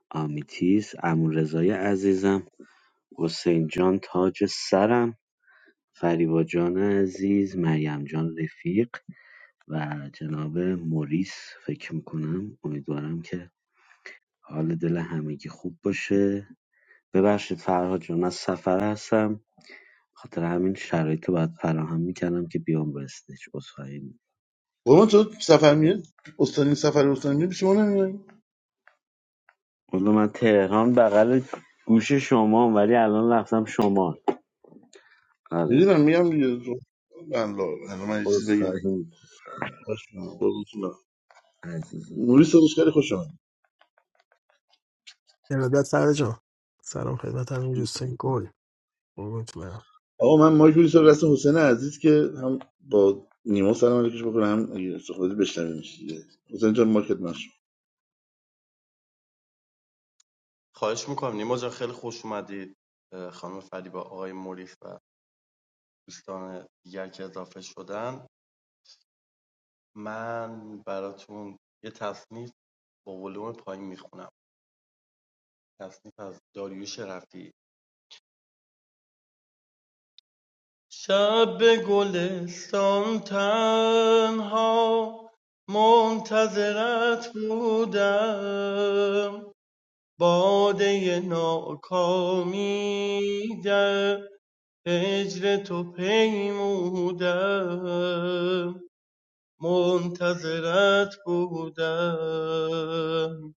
آمیتیس عمو رضای عزیزم حسین جان تاج سرم فریبا جان عزیز مریم جان رفیق و جناب موریس فکر میکنم امیدوارم که حال دل همگی خوب باشه ببخشید فرهاد جان از سفر هستم خاطر همین شرایط رو باید فراهم میکردم که بیام برستش عذرخواهی می‌کنم.
قربان تو سفر میاد استانی سفر استانی میری شما نمیای
والا من تهران بغل گوش شما ولی الان رفتم شمال آره
میدونم میگم دیگه تو- الله الله، الان من یه چیز بگم
عذرخواهی عزیز دل.
موری صداش خیلی خوش آمد
Then I got savage on. Savage got a new single. I'm going to play it.
آقا من مایک بودی رسم حسین عزیز که هم با نیما سلام علیکش بکنه هم اگه صحبتی بشنویم دیگه حسین جان مایکت مشروع
خواهش میکنم نیما جان خیلی خوش اومدید اه، خانم فریبا آقای موریف و دوستان دیگر که اضافه شدن من براتون یه تصنیف با ولوم پایین میخونم تصنیف از داریوش رفیعی شب به گلستان تنها منتظرت بودم باده ناکامی در هجر تو پیمودم منتظرت بودم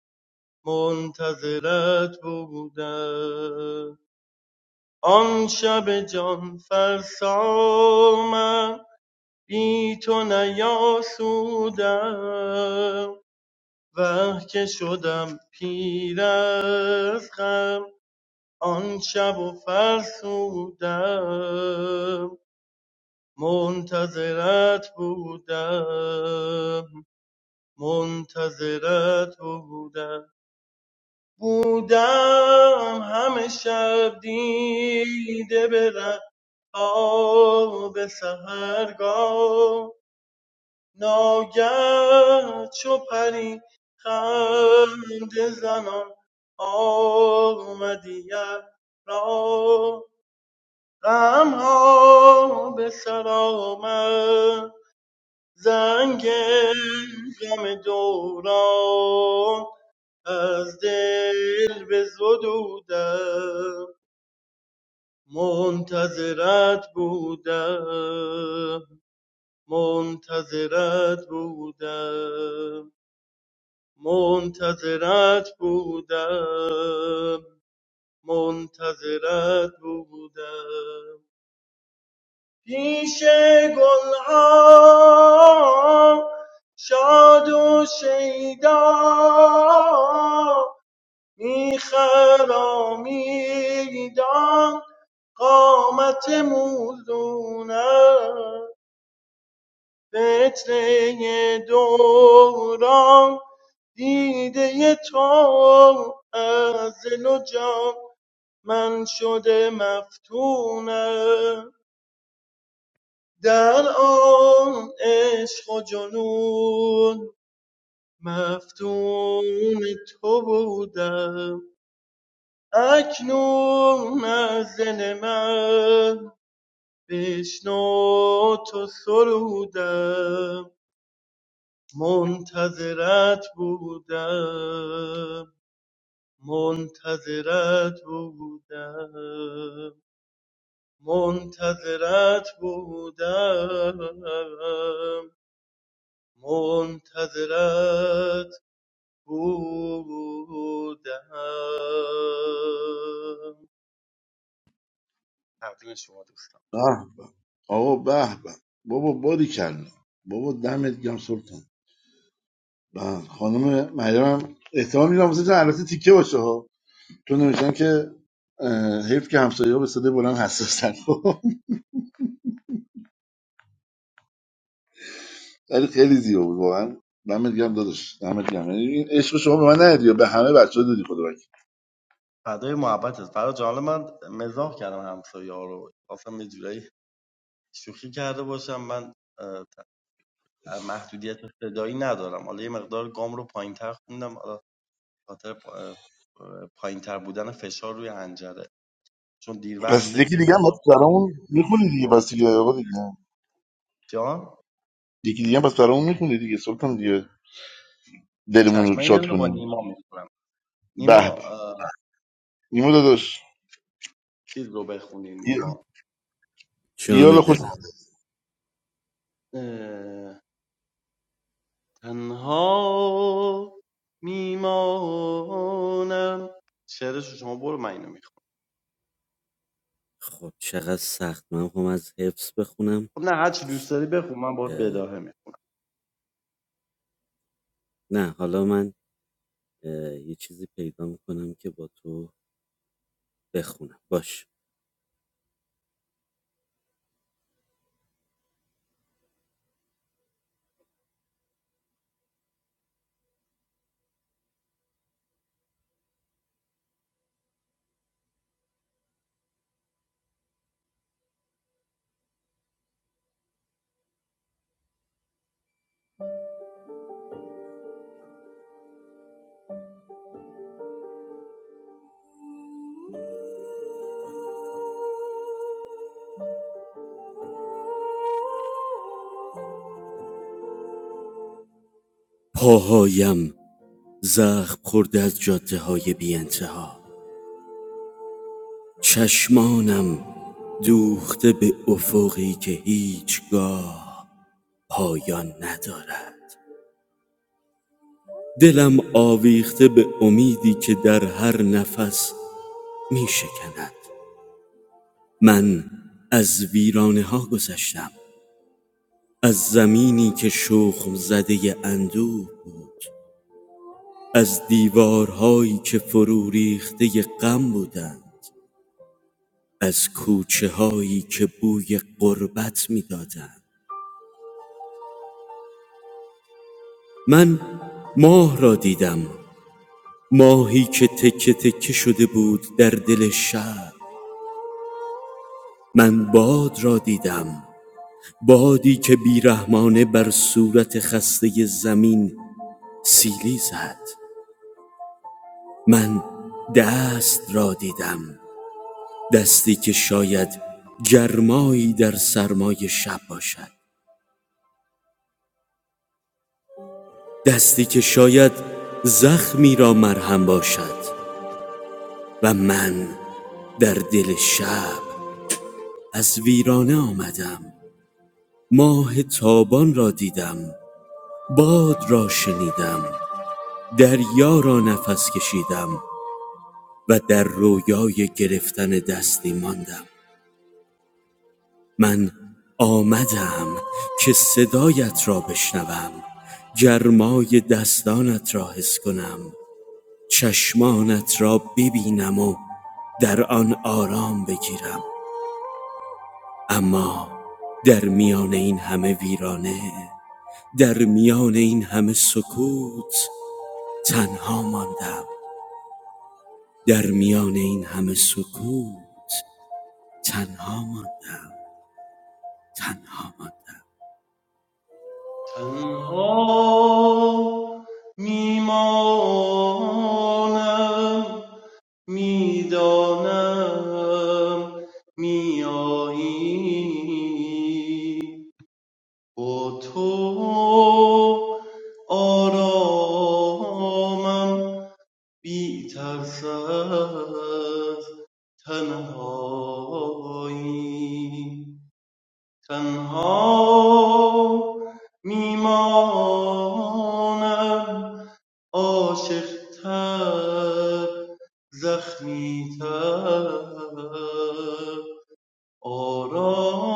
منتظرت بودم آن شب جان فرسا من بی تو نیاسودم وه که شدم پیر از غم آن شب و فرسودم منتظرت بودم منتظرت بودم بودم همه شب دیده برم آب سحرگاه ناگه چو پری خنده زنان آمدی را غم ها به سر آمد زنگ غم دوران از دل به زدودم منتظرت بودم منتظرت بودم منتظرت بودم منتظرت بودم پیش گلها شاد و شیدا میخرامیدم قامت موزونم فتنه دوران دیده تو از دل و جان من شده مفتونم در آن عشق و جنون مفتون تو بودم اکنون از دل من بشنو تو سرودم منتظرت بودم منتظرت بودم منتظرت بودم منتظرت بودم تقدیم شما دوستان
به به. آقا به به بابا باری کلا بابا دمت گم سلطان به خانم مریم هم احتمال میدم حسین البته تیکه باشه ها چون نوشتن که اه، حیف که همسایه‌ها به صدای بلند حساسن خب. ولی خیلی زیبا بود واقعا دمت گرم داداش دمت گرم یعنی این عشق شما به من ندیدی به همه بچه‌ها دادی خدا
فدای محبتت فرا جان من مزاح کردم همسایه ها رو خواستم یه جورایی شوخی کرده باشم من محدودیت صدایی ندارم حالا یه مقدار گام رو پایینتر خوندم حالا به خاطر پا- پایینتر بودن فشار روی حنجره چون دیر
پس
وقت
یکی
دیگه
دیگه هم
غذا
پس
خوردیم
برامون
یه
میخونی دیگه
سیگار
پس دیگه
کشیدیم
آقا دیگه
جان
یکی دیگه هم پس برامون میخونی دیگه سلطان دیگه دلمون رو
چشم من یه
شاد
دونه با
کنیم
نیما میخورم
به
نیما
به
اه،
نیمو داداش
چیز رو بخونیم نیما
جان
دیال خوش
دلم
اه، تنها میمانم شعرش رو شما برو من اینو میخونم
خب چقدر سخت من خب از حفظ بخونم
خب نه هرچی دوست داری بخون من باید
اه،
بداهه
نه حالا من اه، یه چیزی پیدا میکنم که با تو بخونم باش پاهایم زخم خورده از جاده های بی انتها چشمانم دوخته به افقی که هیچگاه پایان ندارد دلم آویخته به امیدی که در هر نفس می شکند من از ویرانه ها گذشتم از زمینی که شخم زده اندوه بود از دیوارهایی که فرو ریخته غم بودند از کوچه هایی که بوی غربت میدادند من مارم ماهی که تکه تکه شده بود در دل شب من باد را دیدم بادی که بیرحمانه بر صورت خسته زمین سیلی زد من دست را دیدم دستی که شاید گرمایی در سرمای شب باشد دستی که شاید زخمی را مرهم باشد و من در دل شب از ویرانه آمدم ماه تابان را دیدم باد را شنیدم دریا را نفس کشیدم و در رویای گرفتن دستی ماندم من آمدم که صدایت را بشنوم گرمای دستانت را حس کنم چشمانت را ببینم و در آن آرام بگیرم اما در میان این همه ویرانه در میان این همه سکوت تنها ماندم در میان این همه سکوت تنها ماندم تنها ماندم.
تنها میمانم میدانم میایی با تو آرامم بی ترس از تنهایی تنها میمانم عاشقتر زخمیتر آرام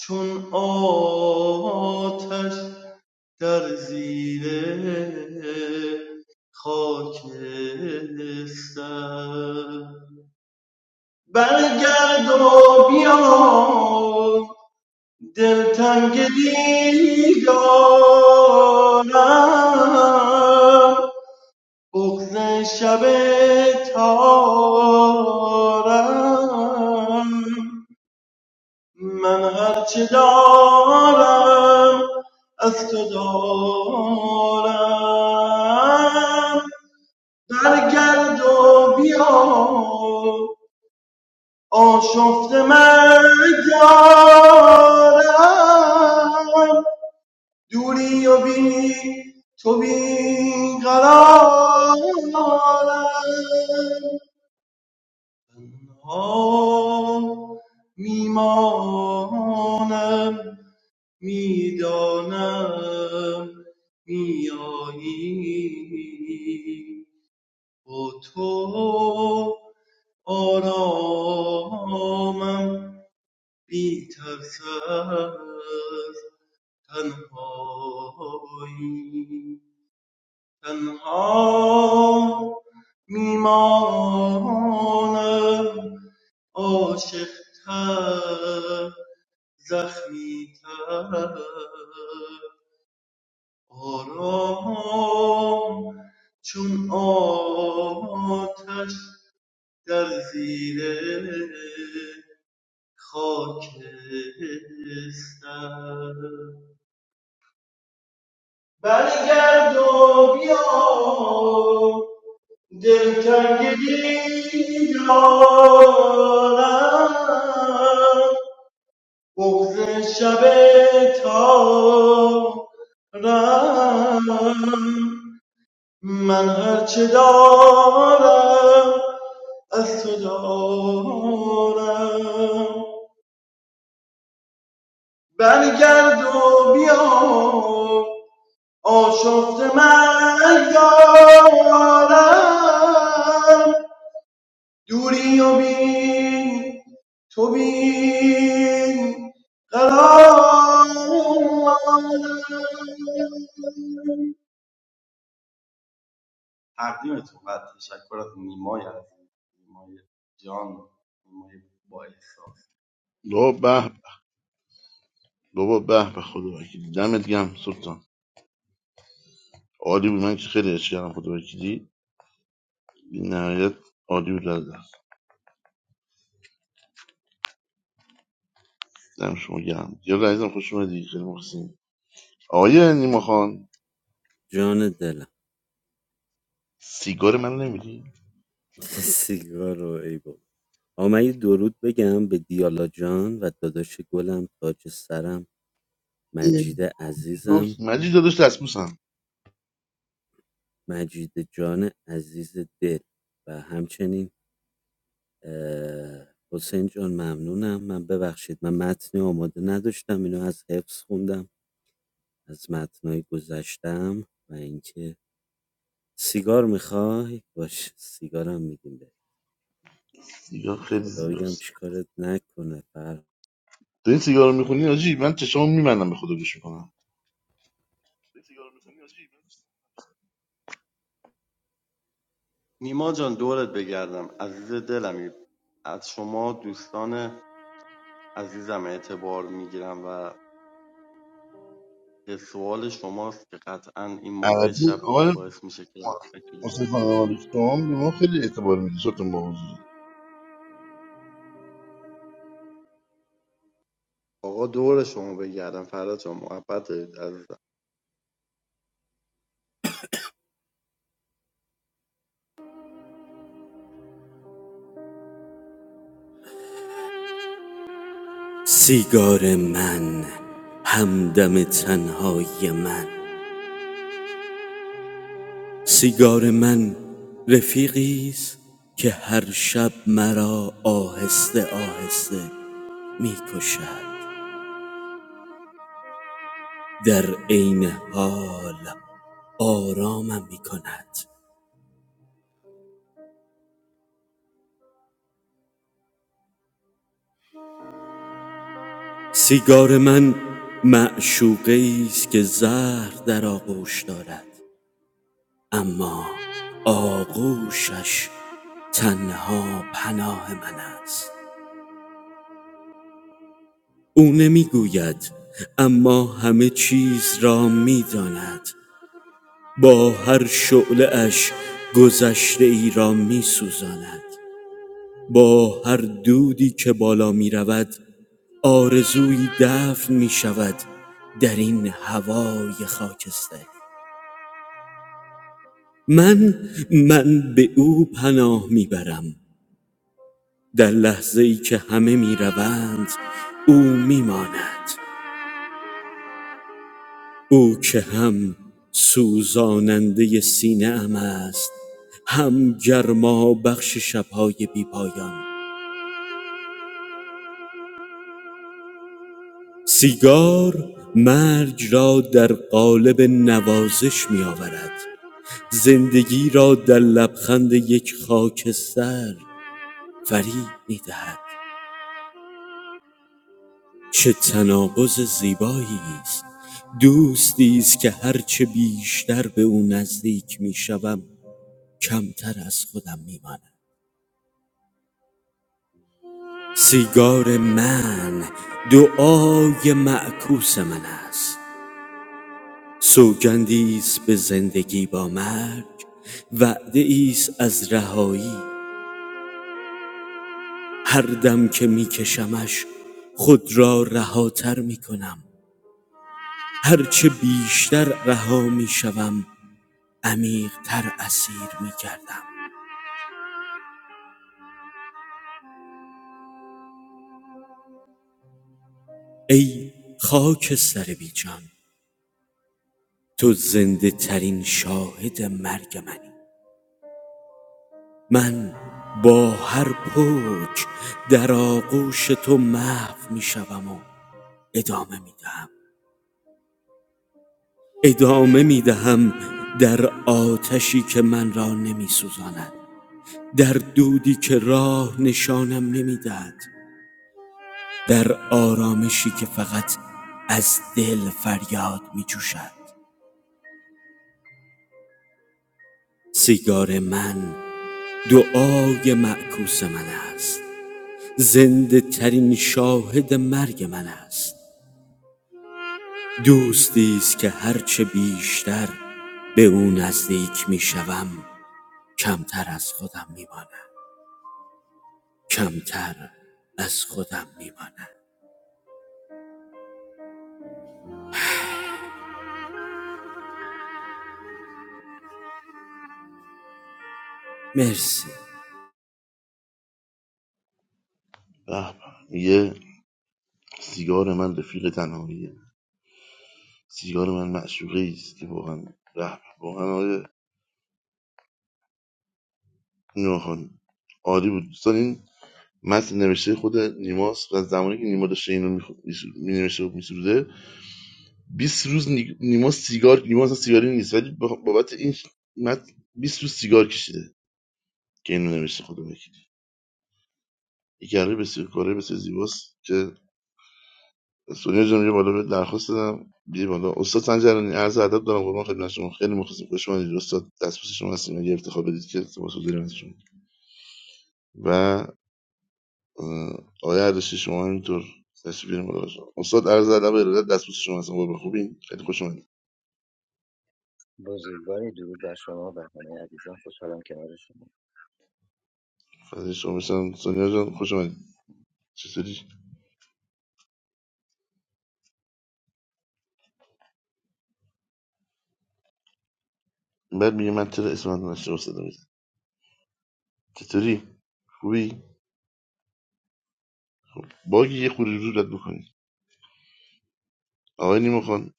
چون آتش در زیر خاکستر برگرد و بیا دلتنگ دیدارم بغز شب تارم من هرچه دارم از تو دارم برگرد و بیا آشفت من دارم دوری و بی تو بی قرارم ها میمانم میدانم میایی با تو آرامم بی ترس از تنهایی تنها میمانم عاشق تر زخمی تر آرام چون آتش در زیر خاکستر برگرد و بیا دلتنگی دارم بغز شب تارم من هرچه دارم از تو دارم برگرد و بیا آشفت من یارم دوری و بین تو بین قرار تقدیمتون و تشکر از نیمای عزیز نیمای جان نیمای با احساس
بابا به به. بابا به به خدا وکیلی دمت گم سلطان عالی بود من که خیلی عشق کردم خدا وکیلی این نهایت عالی بود از دست دم شما گرم دیال عزیزم خوش اومدی خیلی مخلصیم آقای نیما خان
جان دلم
سیگار منو نمیدی
سیگار رو ای بابا آقا یه درود بگم به دیالا جان و داداش گلم تاج سرم مجید عزیزم
گفت مجید داداش دستبوسم
مجید جان عزیز دل و همچنین اه، حسین جان ممنونم من ببخشید من متنی آماده نداشتم اینو از حفظ خوندم از متنای گذشتم و اینکه سیگار میخوای؟ باش سیگارم میدیم به
سیگار خیلی
خدا بگم
زیباست
چیکارت نکنه فر
داری سیگار رو میخونی آجی من چشامو میبندم به خدا گوش میکنم
نیما جان دورت بگردم عزیز دلمی از شما دوستان عزیزم اعتبار میگیرم و به سوال شماست که قطعا این موقع
البته
شب
آقای
باعث میشه که بتونید
حسین خانوالی شما به ما خیلی اعتبار میدی شدتون با حضور
آقا دور شما بگردم فدات شم محبت دارید عزیزم
سیگار من همدم تنهای من سیگار من رفیقیست که هر شب مرا آهسته آهسته میکشد در عین حال آرامم میکند سیگار من معشوقه است که زهر در آغوش دارد اما آغوشش تنها پناه من است او نمیگوید اما همه چیز را میداند با هر شعله اش گذشته ای را میسوزاند با هر دودی که بالا میرود، رود آرزویی دفن میشود. در این هوای خاکستری من من به او پناه میبرم در لحظه که همه می روند او می او که هم سوزاننده سینه ام است هم گرما بخش شبهای بی پایان سیگار مرگ را در قالب نوازش می آورد زندگی را در لبخند یک خاکستر فریب می چه تناقض زیبایی است دوستی است که هرچه بیشتر به او نزدیک می شوم کمتر از خودم می مانم. سیگار من دعای معکوس من است سوگندی است به زندگی با مرگ وعده است از رهایی هر دم که میکشمش خود را رهاتر می کنم هرچه بیشتر رها می شوم عمیقتر اسیر می گردم ای خاک سر بیجان تو زنده ترین شاهد مرگ منی من با هر پوچ در آغوش تو محو می شوم و ادامه می دهم ادامه می دهم در آتشی که من را نمی سوزاند در دودی که راه نشانم نمی دهد در آرامشی که فقط از دل فریاد می جوشد سیگار من دعای معکوس من است زنده ترین شاهد مرگ من است دوستی است که هرچه بیشتر به او نزدیک می شوم کمتر از خودم می مانم کمتر از خودم می مانم مرسی
به به. میگه سیگار من رفیق تنهاییه سیگار من معشوقه است که واقعا به به. واقعا آقای نیما عالی بود دوستان این متن نوشته خود نیماس. و از زمانی که نیما داشته اینو می نوشته و میسروده 20 روز نی- نیما سیگار نیما اصلا سیگاری نیست ولی بخ- بابت این متن 20 روز سیگار کشیده که اینو نوشته خدا یک یقه بسیار کاره بسیار زیباست که سونیا جان یه بالا به درخواست دادم بیا بالا استاد سنجرانی عرض ادب دارم قربان خدمت شما خیلی مخلصم خوش اومدید استاد دستبوس شما هستیم یه افتخار بدید که تماس داریم از شما و اه، آقای اردشیر شما همینطور تشریف بیاریم بالا شما استاد عرض ادب و ارادت دستبوس شما هستم قربان خوبین خیلی خوش اومدید
بزرگواری درود بر شما و همه عزیزان خوشحالم کنار شما
فضل شما بشم سونیا جان خوش اومدید چطوری بعد میگه من چرا اسم من نشه استاد میزن چطوری خوبی باگی یه خوری رو رد بکنی آقای نیمو خان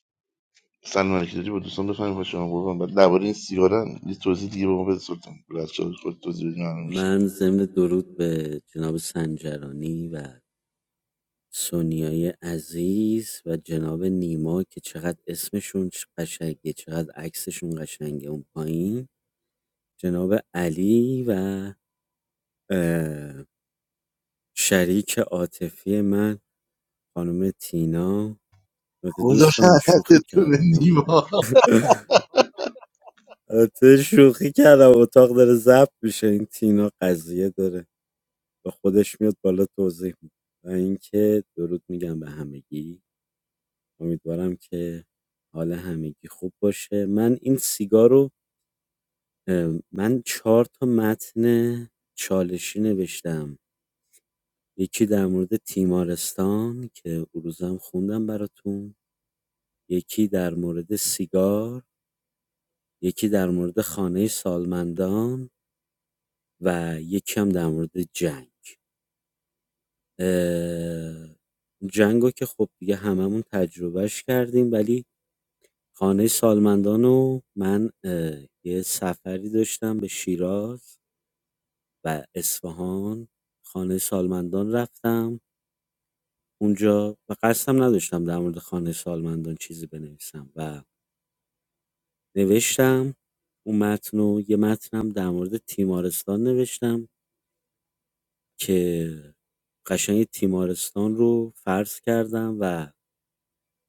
سلام علیکم داری با دوستان بفهمیم خوش شما قربان بعد درباره این سیگارن یه توضیح دیگه به ما بده سلطان بعد از چالش خود توضیح بدین معلوم میشه
من ضمن درود به جناب سنجرانی و سونیای عزیز و جناب نیما که چقدر اسمشون چ- قشنگه چقدر عکسشون قشنگه اون پایین جناب علی و اه، شریک عاطفی من خانم تینا البته
گذاشتن
دوستان شوخی
تو به
کردم و-
نیما
البته شوخی کردم اتاق داره ضبط میشه این تینا قضیه داره با خودش میاد بالا توضیح میده و اینکه درود میگم به همگی امیدوارم که حال همگی خوب باشه من این سیگار رو من چهار تا متن چالشی نوشتم یکی در مورد تیمارستان که اون خوندم براتون یکی در مورد سیگار یکی در مورد خانه سالمندان و یکی هم در مورد جنگ جنگو جنگ رو که خب دیگه هممون تجربهش کردیم ولی خانه سالمندان و من اه، یه سفری داشتم به شیراز و اصفهان خانه سالمندان رفتم اونجا و قصدم نداشتم در مورد خانه سالمندان چیزی بنویسم و نوشتم اون متن و یه متنم در مورد تیمارستان نوشتم که قشنگ تیمارستان رو فرض کردم و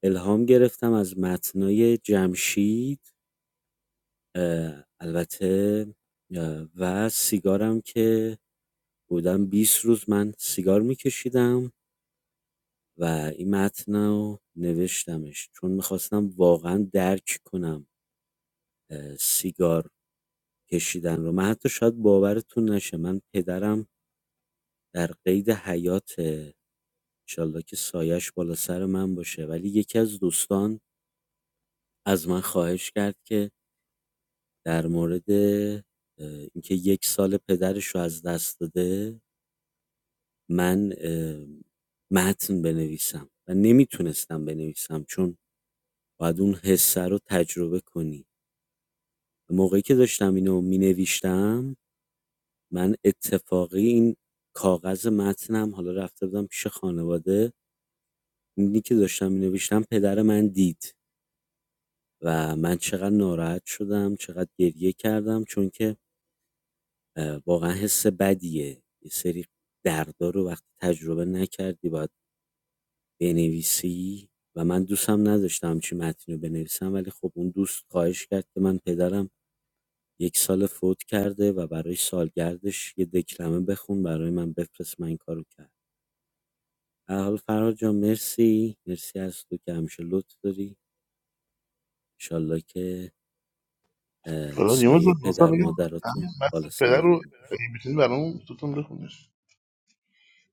الهام گرفتم از متنای جمشید اه، البته اه، و سیگارم که بودم 20 روز من سیگار میکشیدم و این متن رو نوشتمش چون میخواستم واقعا درک کنم اه، سیگار کشیدن رو من حتی شاید باورتون نشه من پدرم در قید حیاته انشالله که سایش بالا سر من باشه ولی یکی از دوستان از من خواهش کرد که در مورد اه، اینکه یک سال پدرش رو از دست داده من متن بنویسم و نمیتونستم بنویسم چون باید اون حسه رو تجربه کنی موقعی که داشتم اینو مینویشتم من اتفاقی این کاغذ متنم حالا رفته بودم پیش خانواده اینی که داشتم مینویشتم پدر من دید و من چقدر ناراحت شدم چقدر گریه کردم چون که واقعا حس بدیه یه سری دردا رو وقتی تجربه نکردی باید بنویسی و من دوستم نداشتم همچین متنی رو بنویسم ولی خب اون دوست خواهش کرد که من پدرم یک سال فوت کرده و برای سالگردش یه دکلمه بخون برای من بفرست من این کارو کرد در حال فرهاد جان مرسی مرسی از تو که همیشه لطف داری انشالله که اه،
حالا نیومد به
سایه
دوستان
پدر
میگم همین
مادراتون
مثل
بالا
پدر رو
سرتون
اگه میتونی برام سلطان بخونش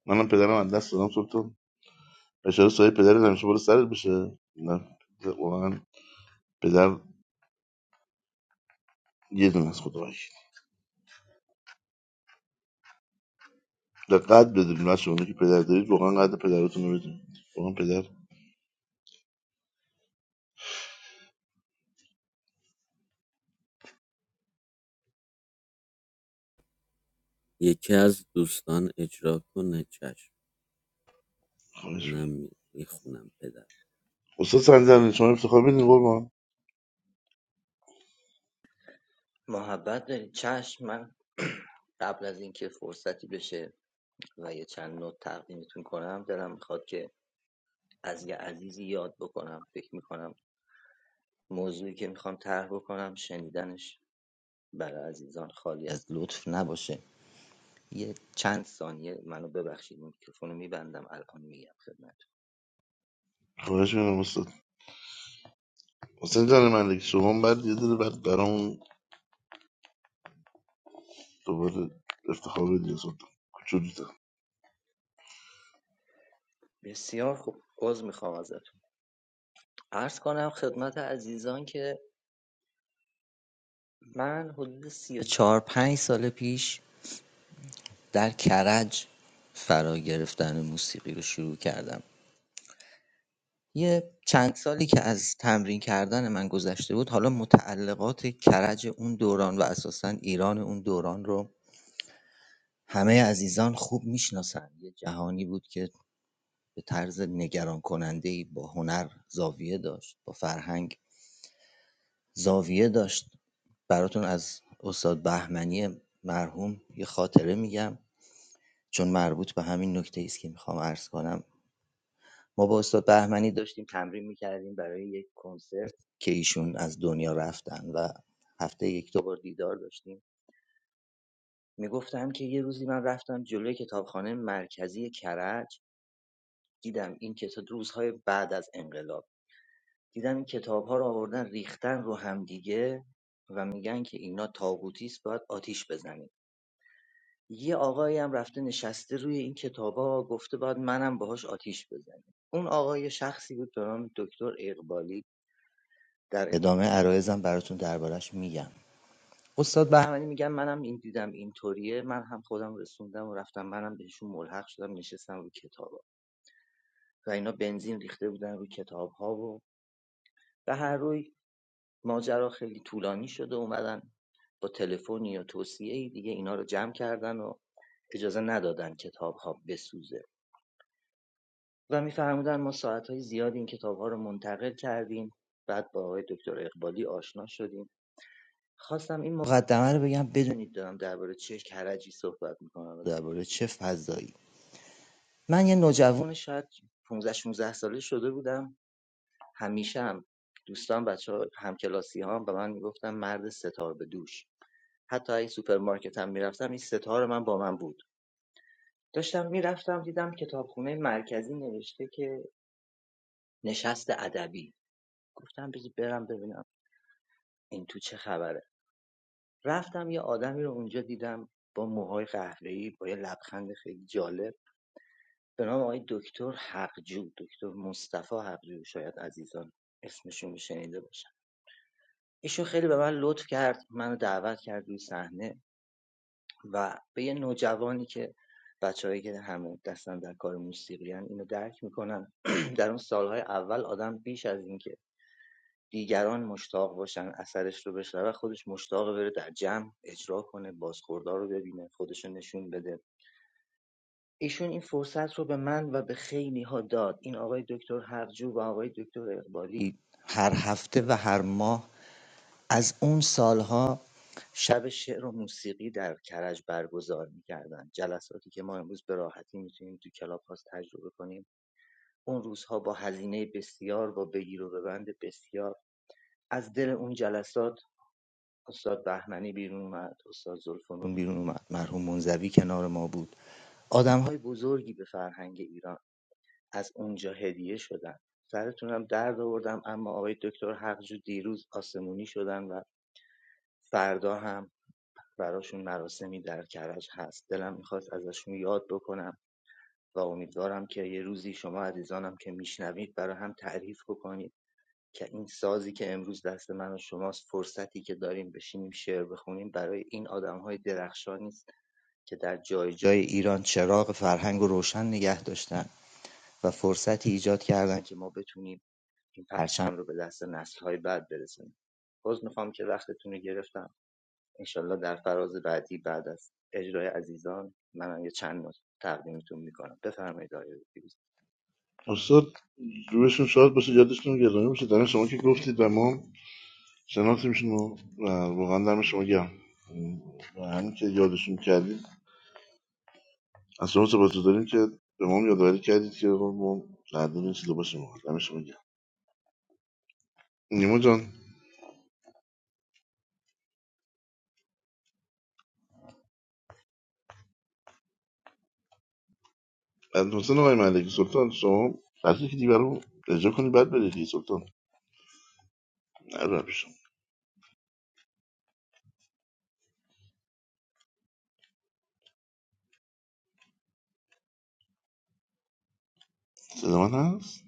منم پدرم از دست دادم سلطان بشاره سایه پدر همیشه بالا سرت بشه نه واقعا پدر یه دونه از خدا وکیل دقت بدونید بچه‌ها اونایی که پدر دارید واقعا قدر پدرتون رو بدونید واقعا پدر
یکی از دوستان اجرا کنه چشم
خواهش می‌کنم
منم میخونم پدر
استاد سنجرانی شما افتخار بدین قربان
محبت دارید چشم من قبل از اینکه فرصتی بشه و یه چند نوت تقدیمتون کنم دلم میخواد که از یه عزیزی یاد بکنم فکر میکنم موضوعی که میخوام طرح بکنم شنیدنش برای عزیزان خالی از لطف نباشه یه چند ثانیه منو ببخشید میکروفونو میبندم الان میگم خدمتتون
خواهش می‌کنم استاد حسین جان من دیگه شما بعد یه دل بعد برامون دوباره افتخار بدی از اون کوچولو
بسیار خوب عذر میخوام ازتون عرض کنم خدمت عزیزان که من حدود سی و چهار پنج سال پیش در کرج فرا گرفتن موسیقی رو شروع کردم یه چند سالی که از تمرین کردن من گذشته بود حالا متعلقات کرج اون دوران و اساسا ایران اون دوران رو همه عزیزان خوب میشناسن یه جهانی بود که به طرز نگران کننده ای با هنر زاویه داشت با فرهنگ زاویه داشت براتون از استاد بهمنی مرحوم یه خاطره میگم چون مربوط به همین نکته‌ای است که میخوام عرض کنم ما با استاد بهمنی داشتیم تمرین میکردیم برای یک کنسرت که ایشون از دنیا رفتن و هفته یک دو بار دیدار داشتیم میگفتم که یه روزی من رفتم جلوی کتابخانه مرکزی کرج دیدم این کتاب روزهای بعد از انقلاب دیدم این کتاب رو آوردن ریختن رو هم دیگه و میگن که اینا تاغوتی است باید آتیش بزنیم یه آقایی هم رفته نشسته روی این کتابا گفته باید منم باهاش آتیش بزنیم اون آقای شخصی بود به نام دکتر اقبالی در ادامه عرایزم براتون دربارش میگم استاد بهمنی میگم منم این دیدم اینطوریه من هم خودم رسوندم و رفتم منم بهشون ملحق شدم نشستم روی کتابا و اینا بنزین ریخته بودن روی کتابها و به هر روی ماجرا خیلی طولانی شده اومدن با تلفنی یا توصیه دیگه اینا رو جمع کردن و اجازه ندادن کتاب بسوزه و میفرمودن ما ساعتهای زیادی این کتابها رو منتقل کردیم بعد با آقای دکتر اقبالی آشنا شدیم خواستم این مقدمه رو بگم بدونید دارم درباره چه کرجی صحبت میکنم و درباره چه فضایی من یه نوجوان شاید 15 16 ساله شده بودم همیشه هم دوستان بچه ها همکلاسی هم به من میگفتن مرد ستار به دوش حتی اگه سوپرمارکت هم میرفتم این ستار من با من بود داشتم میرفتم دیدم کتابخونه مرکزی نوشته که نشست ادبی گفتم بذار برم ببینم این تو چه خبره رفتم یه آدمی رو اونجا دیدم با موهای قهوه‌ای با یه لبخند خیلی جالب به نام آقای دکتر حقجو دکتر مصطفی حقجو شاید عزیزان اسمشون شنیده باشن ایشون خیلی به من لطف کرد منو دعوت کرد روی صحنه و به یه نوجوانی که بچههایی که همه دستن در کار موسیقی ان اینو درک میکنن در اون سالهای اول آدم بیش از اینکه دیگران مشتاق باشن اثرش رو بشنوه خودش مشتاق بره در جمع اجرا کنه بازخوردار رو ببینه خودش رو نشون بده ایشون این فرصت رو به من و به خیلی ها داد این آقای دکتر هرجو و آقای دکتر اقبالی هر هفته و هر ماه از اون سالها شب شعر و موسیقی در کرج برگزار میکردن جلساتی که ما امروز به راحتی میتونیم تو کلاب هاست تجربه کنیم اون روزها با هزینه بسیار با بگیر و ببند بسیار از دل اون جلسات استاد بهمنی بیرون اومد استاد زلفنون بیرون اومد مرحوم منزوی کنار ما بود آدم بزرگی به فرهنگ ایران از اونجا هدیه شدن سرتونم درد آوردم اما آقای دکتر حقجو دیروز آسمونی شدن و فردا هم براشون مراسمی در کرج هست دلم میخواست ازشون یاد بکنم و امیدوارم که یه روزی شما عزیزانم که میشنوید برای هم تعریف بکنید که این سازی که امروز دست من و شماست فرصتی که داریم بشینیم شعر بخونیم برای این آدمهای درخشانی است که در جای جای ایران چراغ فرهنگ رو روشن نگه داشتن و فرصتی ایجاد کردن که ما بتونیم این پرچم رو به دست نسلهای بعد برسونیم باز میخوام که وقتتون رو گرفتم انشالله در فراز بعدی بعد از اجرای عزیزان منم یه چند نکته تقدیمتون میکنم بفرمایید آقای دکتر.
استاد روشون شاد باشه یادشون گرامی باشه دم شما که گفتید و ما شناسیمشون و و واقعا دم شما گرم و همین که یادشون کردید از شما سپاس داریم که به ما هم یادآوری کردید که آقا ما قدر این چیزا باشیم ما. دم شما گرم نیما جان از حسین آقای ملکی سلطان شما قصد که دیگه رو اجرا کنی بعد بری دیگه سلطان نه رو پیشم. صدا من هست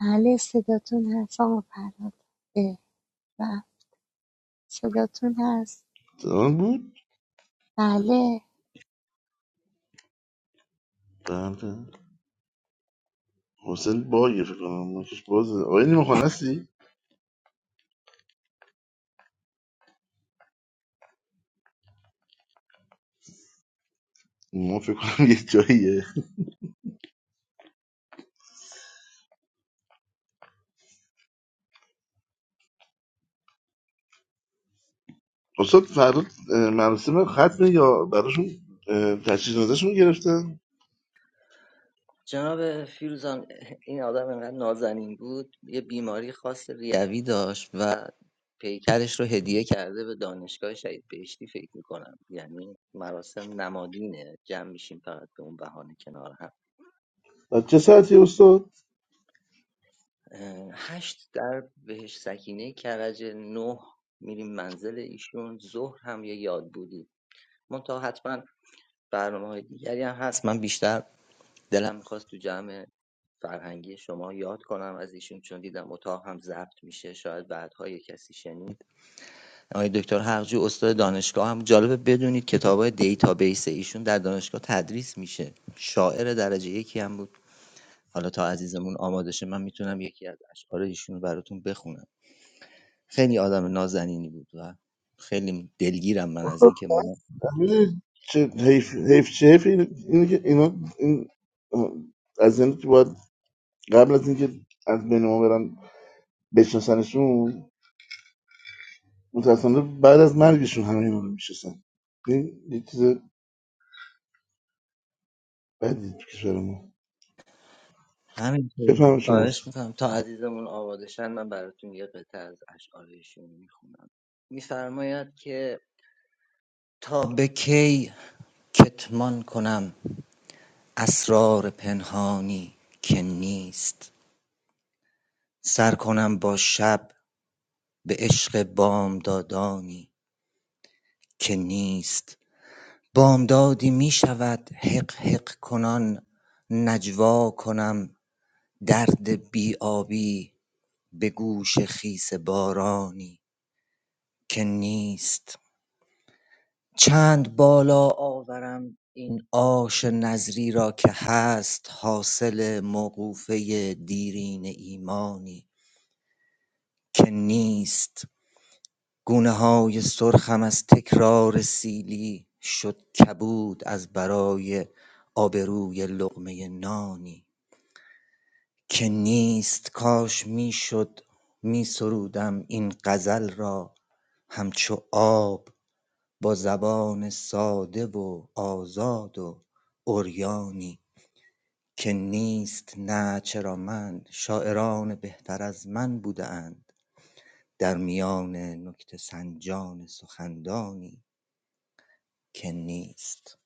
بله صداتون هست آقا فراد اه، و صداتون هست
صدا من بود
بله
بله حسین باگه فکر کنم ماکش بازه آقای نیما خان هستی؟ ما فکر کنم یه جاییه استاد فردا اه، مراسم ختمه یا براشون اه، تجهیز نظرشون گرفتن؟
جناب فیروزان این آدم انقدر نازنین بود یه بیماری خاص ریوی داشت و پیکرش رو هدیه کرده به دانشگاه شهید بهشتی فکر میکنم یعنی مراسم نمادینه جمع میشیم فقط به اون بهانه کنار هم
بعد چه ساعتی استاد؟
اه، هشت در بهش سکینه کرج نه میریم منزل ایشون ظهر هم یه یاد بودی منتها حتما برنامه های دیگری هم هست من بیشتر دلم میخواست تو جمع فرهنگی شما یاد کنم از ایشون چون دیدم اتاق هم ضبط میشه شاید بعدها یه کسی شنید آقای دکتر حقجو استاد دانشگاه هم جالبه بدونید کتاب دیتابیس ایشون در دانشگاه تدریس میشه شاعر درجه یکی هم بود حالا تا عزیزمون آماده شه من میتونم یکی از اشعار ایشون رو براتون بخونم خیلی آدم نازنینی بود و خیلی دلگیرم من از اینکه ما
میدونی چه حیف حیف چه حیف اینه اینه که اینا این اه، از این که باید قبل از اینکه از بین ما برن بشناسنشون متاسفانه بعد از مرگشون همه اینا رو میشناسن این یه چیز بدی تو کشور ما
همینطور
بفهم شما
خواهش
استاد
میکنم تا عزیزمون آماده شن من براتون یه قطعه از اشعار ایشون میخونم میفرماید که تا به کی کتمان کنم اسرار پنهانی که نیست سر کنم با شب به عشق بامدادانی که نیست بامدادی می شود حق حق کنان نجوا کنم درد بی آبی به گوش خیس بارانی که نیست چند بالا آورم این آش نظری را که هست حاصل موقوفه دیرین ایمانی که نیست گونه های سرخم از تکرار سیلی شد کبود از برای آبروی لقمه نانی که نیست کاش میشد می سرودم این غزل را همچو آب با زبان ساده و آزاد و عریانی که نیست نه چرامند شاعران بهتر از من بوده اند در میان نکته سنجان سخندانی که نیست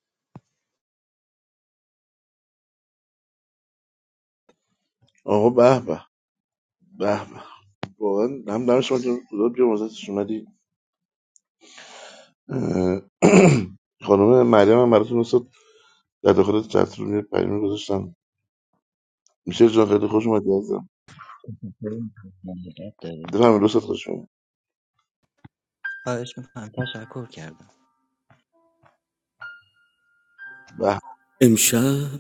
آقا به به به به. واقعا هم دم شما که خدا بیا مزدش اومدی اه، خانم مریم هم براتون دوست در داخل چتروم یه پیام گذاشتم میشه جان خیلی خوش اومدی عزیزم دلم دوست خوش اومد
خواهش میکنم تشکر کردم
به به.
امشب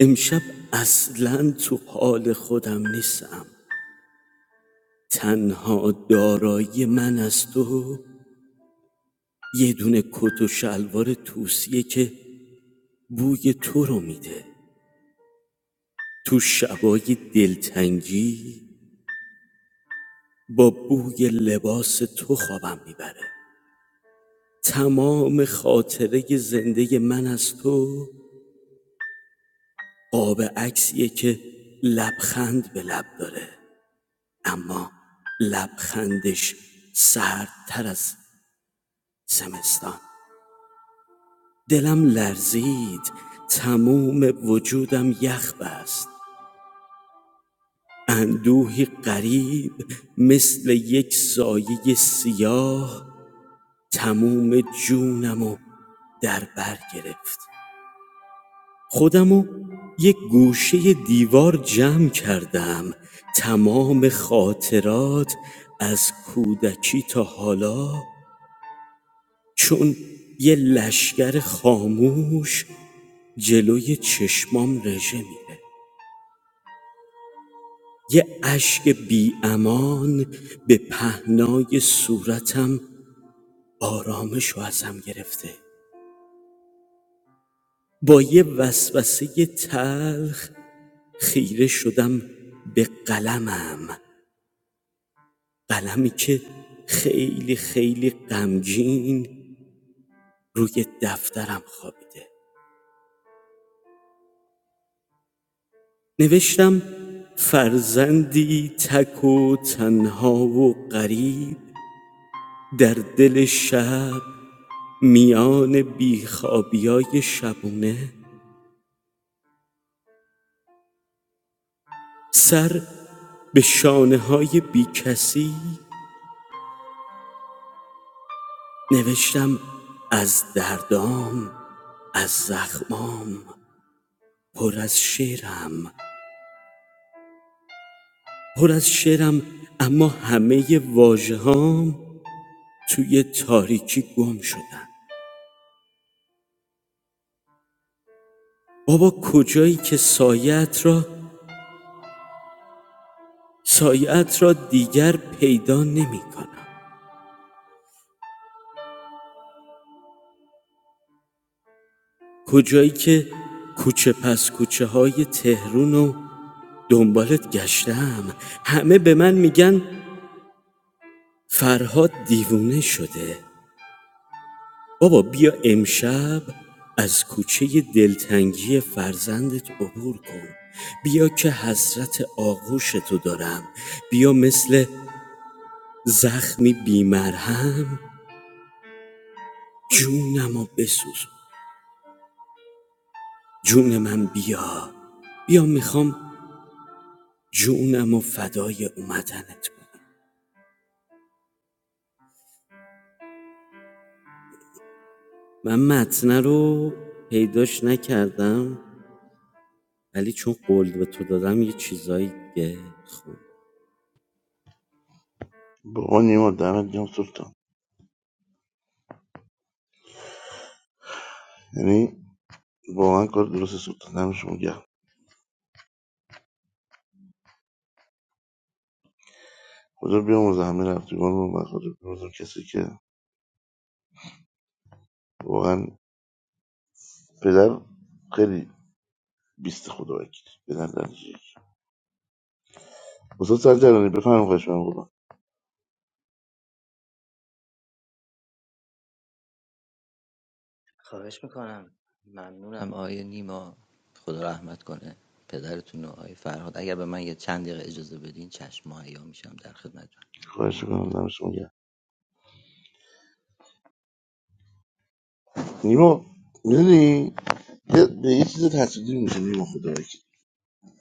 امشب اصلاً تو حال خودم نیستم تنها دارایی من از تو یه دونه کت و شلوار توسیه که بوی تو رو میده تو شبای دلتنگی با بوی لباس تو خوابم میبره تمام خاطره زنده من از تو قاب عکسیه که لبخند به لب داره اما لبخندش سردتر از زمستان دلم لرزید تمام وجودم یخ بست اندوهی غریب مثل یک سایه سیاه تموم جونمو در بر گرفت خودمو یک گوشه دیوار جمع کردم تمام خاطرات از کودکی تا حالا چون یه لشگر خاموش جلوی چشمام رژه میره یه اشک بی امان به پهنای صورتم آرامش رو ازم گرفته با یه وسوسه تلخ خیره شدم به قلمم قلمی که خیلی خیلی غمگین روی دفترم خوابیده نوشتم فرزندی تک و تنها و غریب در دل شب میان بیخوابیای شبونه سر به شانه های بی کسی نوشتم از دردام از زخمام پر از شعرم پر از شعرم اما همه واژه توی تاریکی گم شدن بابا کجایی که سایت را سایت را دیگر پیدا نمی کنم کجایی که کوچه پس کوچه های تهرون و دنبالت گشتم همه به من میگن فرهاد دیوونه شده بابا بیا امشب از کوچه دلتنگی فرزندت عبور کن بیا که حسرت آغوش تو دارم بیا مثل زخمی بیمرهم جونم و بسوزون جون من بیا بیا میخوام جونم و فدای اومدنت کنم من متنه رو پیداش نکردم ولی چون قول به تو دادم یه چیزایی دیگه خوند
واقعا نیما دمت گرم سلطان یعنی واقعا کار درست سلطان دم شما گرم خدا بیامرزه همه رفتگان رو و خدا بیامرزه کسی که واقعا پدر خیلی بیست خدا وکیل پدر درجه یک استاد سرجرانی بفرمایید خواهش من خدا
خواهش میکنم ممنونم آقای نیما خدا رحمت کنه پدرتون و آقای فرهاد اگر به من یه چند دقیقه اجازه بدین چشم مهیا میشم در خدمتتون
خواهش میکنم دم شما گرم نیما میدونی یه- به یه چیز تصادفی میشه نیما خدا وکیل.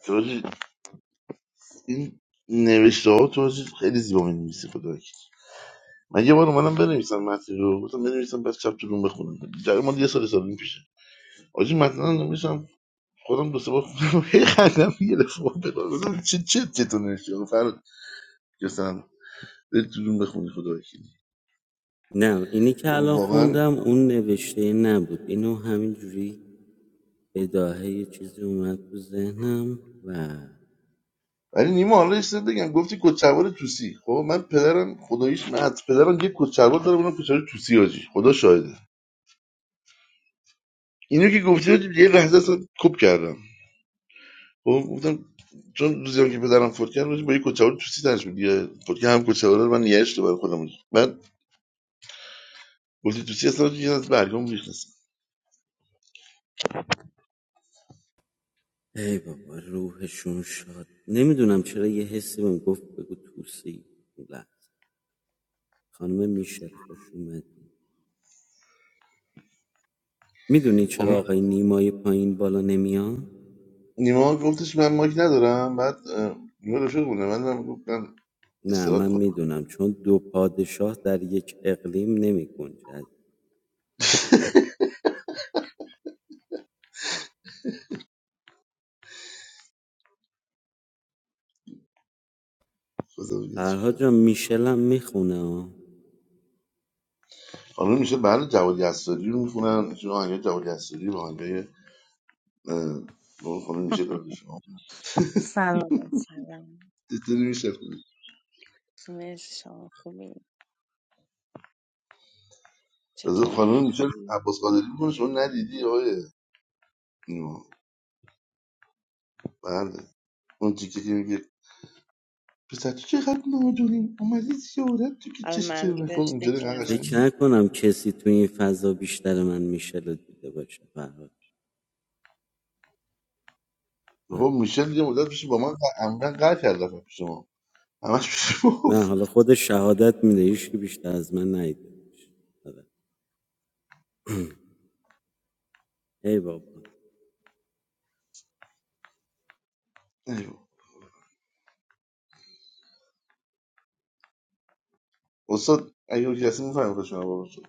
تو حاجی این نوشته ها تو حاجی خیلی زیبا می‌نویسی خدا وکیل. من یه بار اومدم بنویسم متن رو گفتم بنویسم بعد شب تو روم بخونم در مال یه سال سال این پیشه حاجی متن نمیشم خودم دو سه بار خوندم هی خندم گرفت بابا بلا گفتم چه چه چطور نوشتی آقا فراد گفتم بری تو روم بخونی خدا وکیل.
نه اینی که الان
واقعا
خوندم اون نوشته نبود اینو همینجوری بداهه یه چیزی اومد تو ذهنم و
ولی نیما حالا یه چیز بگم گفتی کچلوار توسی خب من پدرم خداییش مت پدرم یه کچلوار داره اونم کچلوار توسی حاجی خدا شاهده اینو که گفته بود، یه لحظه اصلا کوب کردم خب گفتم چون روزی که پدرم فوت کرد روزی با یه کوچه رو توسی تنش بود یه فوت کرد هم کوچه من نگهش تو برای خودم بود. بعد گفتی توسی اصلا یه از برگام ریخت اصلا
ای بابا روحشون شاد نمیدونم چرا یه حسی بهم گفت بگو توسی اون خانم میشل خوش اومد میدونی
خانم
چرا آقای نیمای پایین بالا نمیان؟
نیما گفتش من ماک ندارم بعد اه، نیما رفیق بودم من هم گفتم
نه
استراحت
من
می‌کنم
میدونم چون دو پادشاه در یک اقلیم نمی گنجد
بذار ببینم چی
فرها
کار.
جان میشلم میخونه
میشه بعد جوادی اسداری رو میخونن چون آهنگای جوادی اسداری با آهنگای اه، با خانم میشه در شما
سلام سلام
دیدی میشه خونه.
مرسی شما خوبی
بذار
چطوری نیما
خانم میشه
خوبی
عباس قادری میکنه شما ندیدی آقای اینو بله اون دیگه که میگه پسر تو چقدر نادونی اومدی یه مدت تو که
از
چش چه میخوام
منظورش
اینجوری اینقدر
دکلمه
قشنگ
فکر
بود
نکنم کسی تو این فضا بیشتر من میشل رو دیده باشه فرهاد آره.
خب میشل یه مدت پیش با من ق- عمدن قهر کرد رفتم پیش ما همش پیش ما
نه
گفت.
حالا خود شهادت میده هیچ که بیشتر از من ندیده باشه. آره. ای بابا
ایوه. استاد اگه کسی میفهمه که شما بابا شد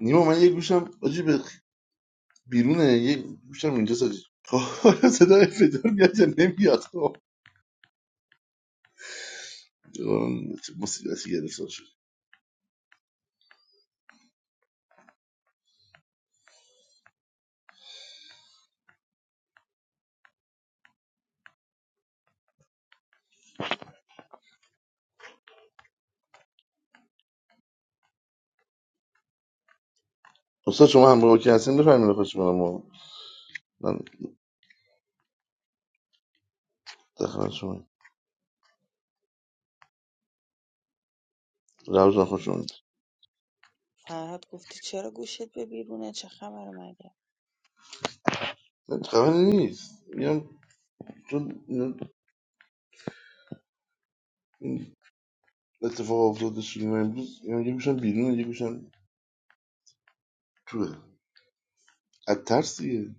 نیما من یه گوشم آجی به بیرونه یه گوشم اینجا ساجی خب حالا صدای فدار میاد یا نمیاد خب اون مصیبتی گرفتار شد استاد شما همراه که هستین بفهمید خوش من من داخل شما روزان خوش
فرهاد گفتی چرا گوشت به بیرونه چه خبر مگه
نه خبری نیست میگم چون اینا- این اتفاق افتاده شده من امروز اینا یه گوشم بیرون یه گوشم توه از ترس دیگه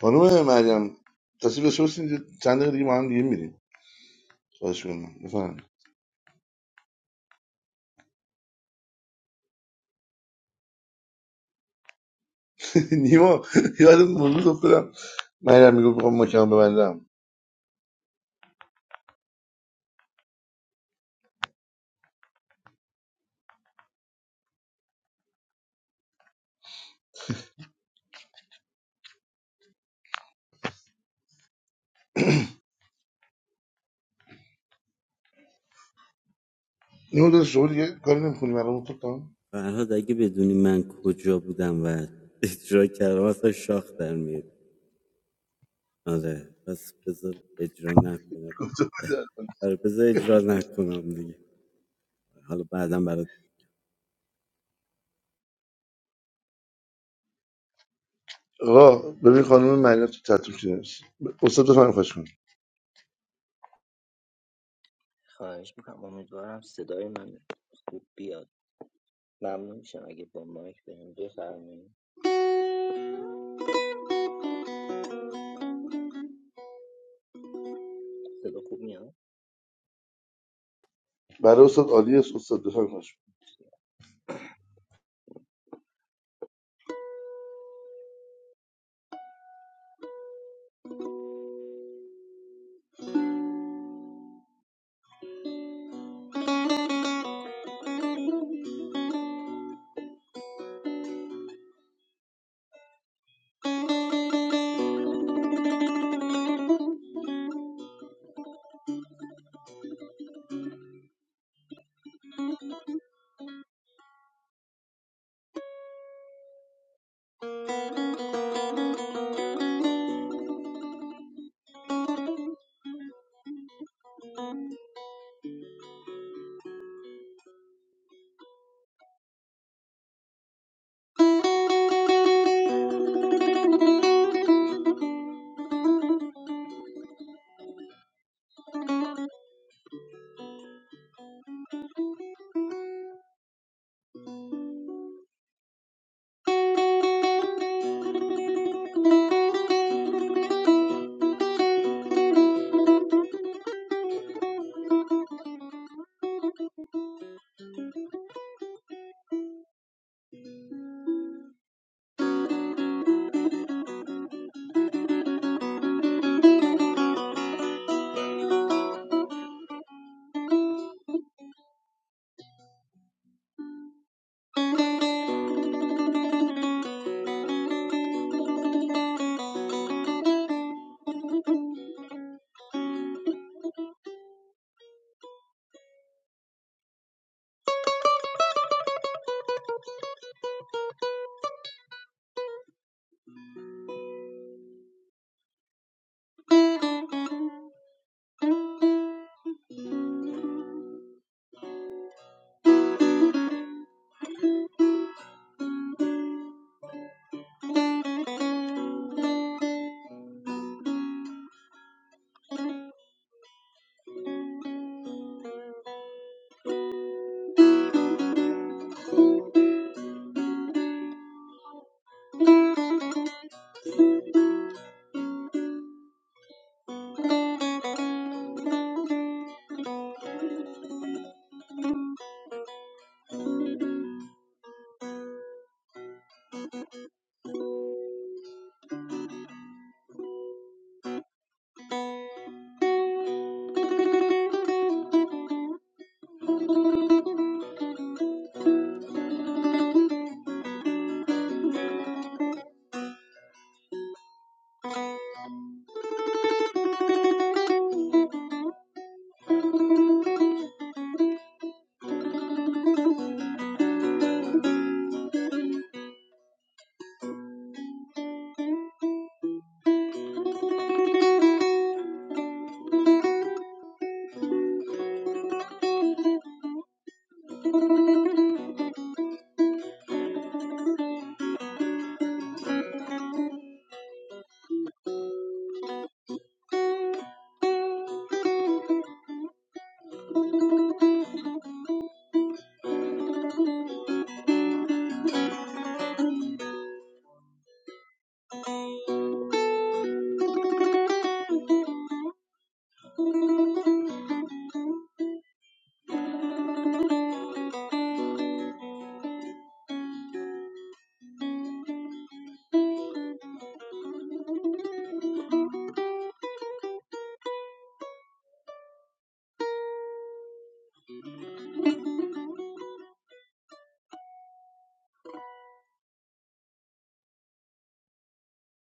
خانم مریم تصویر داشته باشین یه چند دقیقه دیگه با هم دیگه میریم خواهش کنم بفهم نیما یادت امروز افتادم مریم میگو میخوام مکان ببندم نیما داداش شما دیگه کاری نمی‌کنی من رو خودم
فرهاد اگه بدونی من کجا بودم و اجرا کردم اصلا شاخ در میاد آره پس بذار اجرا نکنم آره بذار اجرا نکنم دیگه حالا بعدا برات
آقا ببین خانم مریم تو تطور شده استاد بفهم خواهش کنم
خواهش میکنم امیدوارم صدای من خوب بیاد ممنون میشم اگه با مایک بهم بفرمایید صدا خوب میاد
برای استاد عالی است استاد بفهم خواهش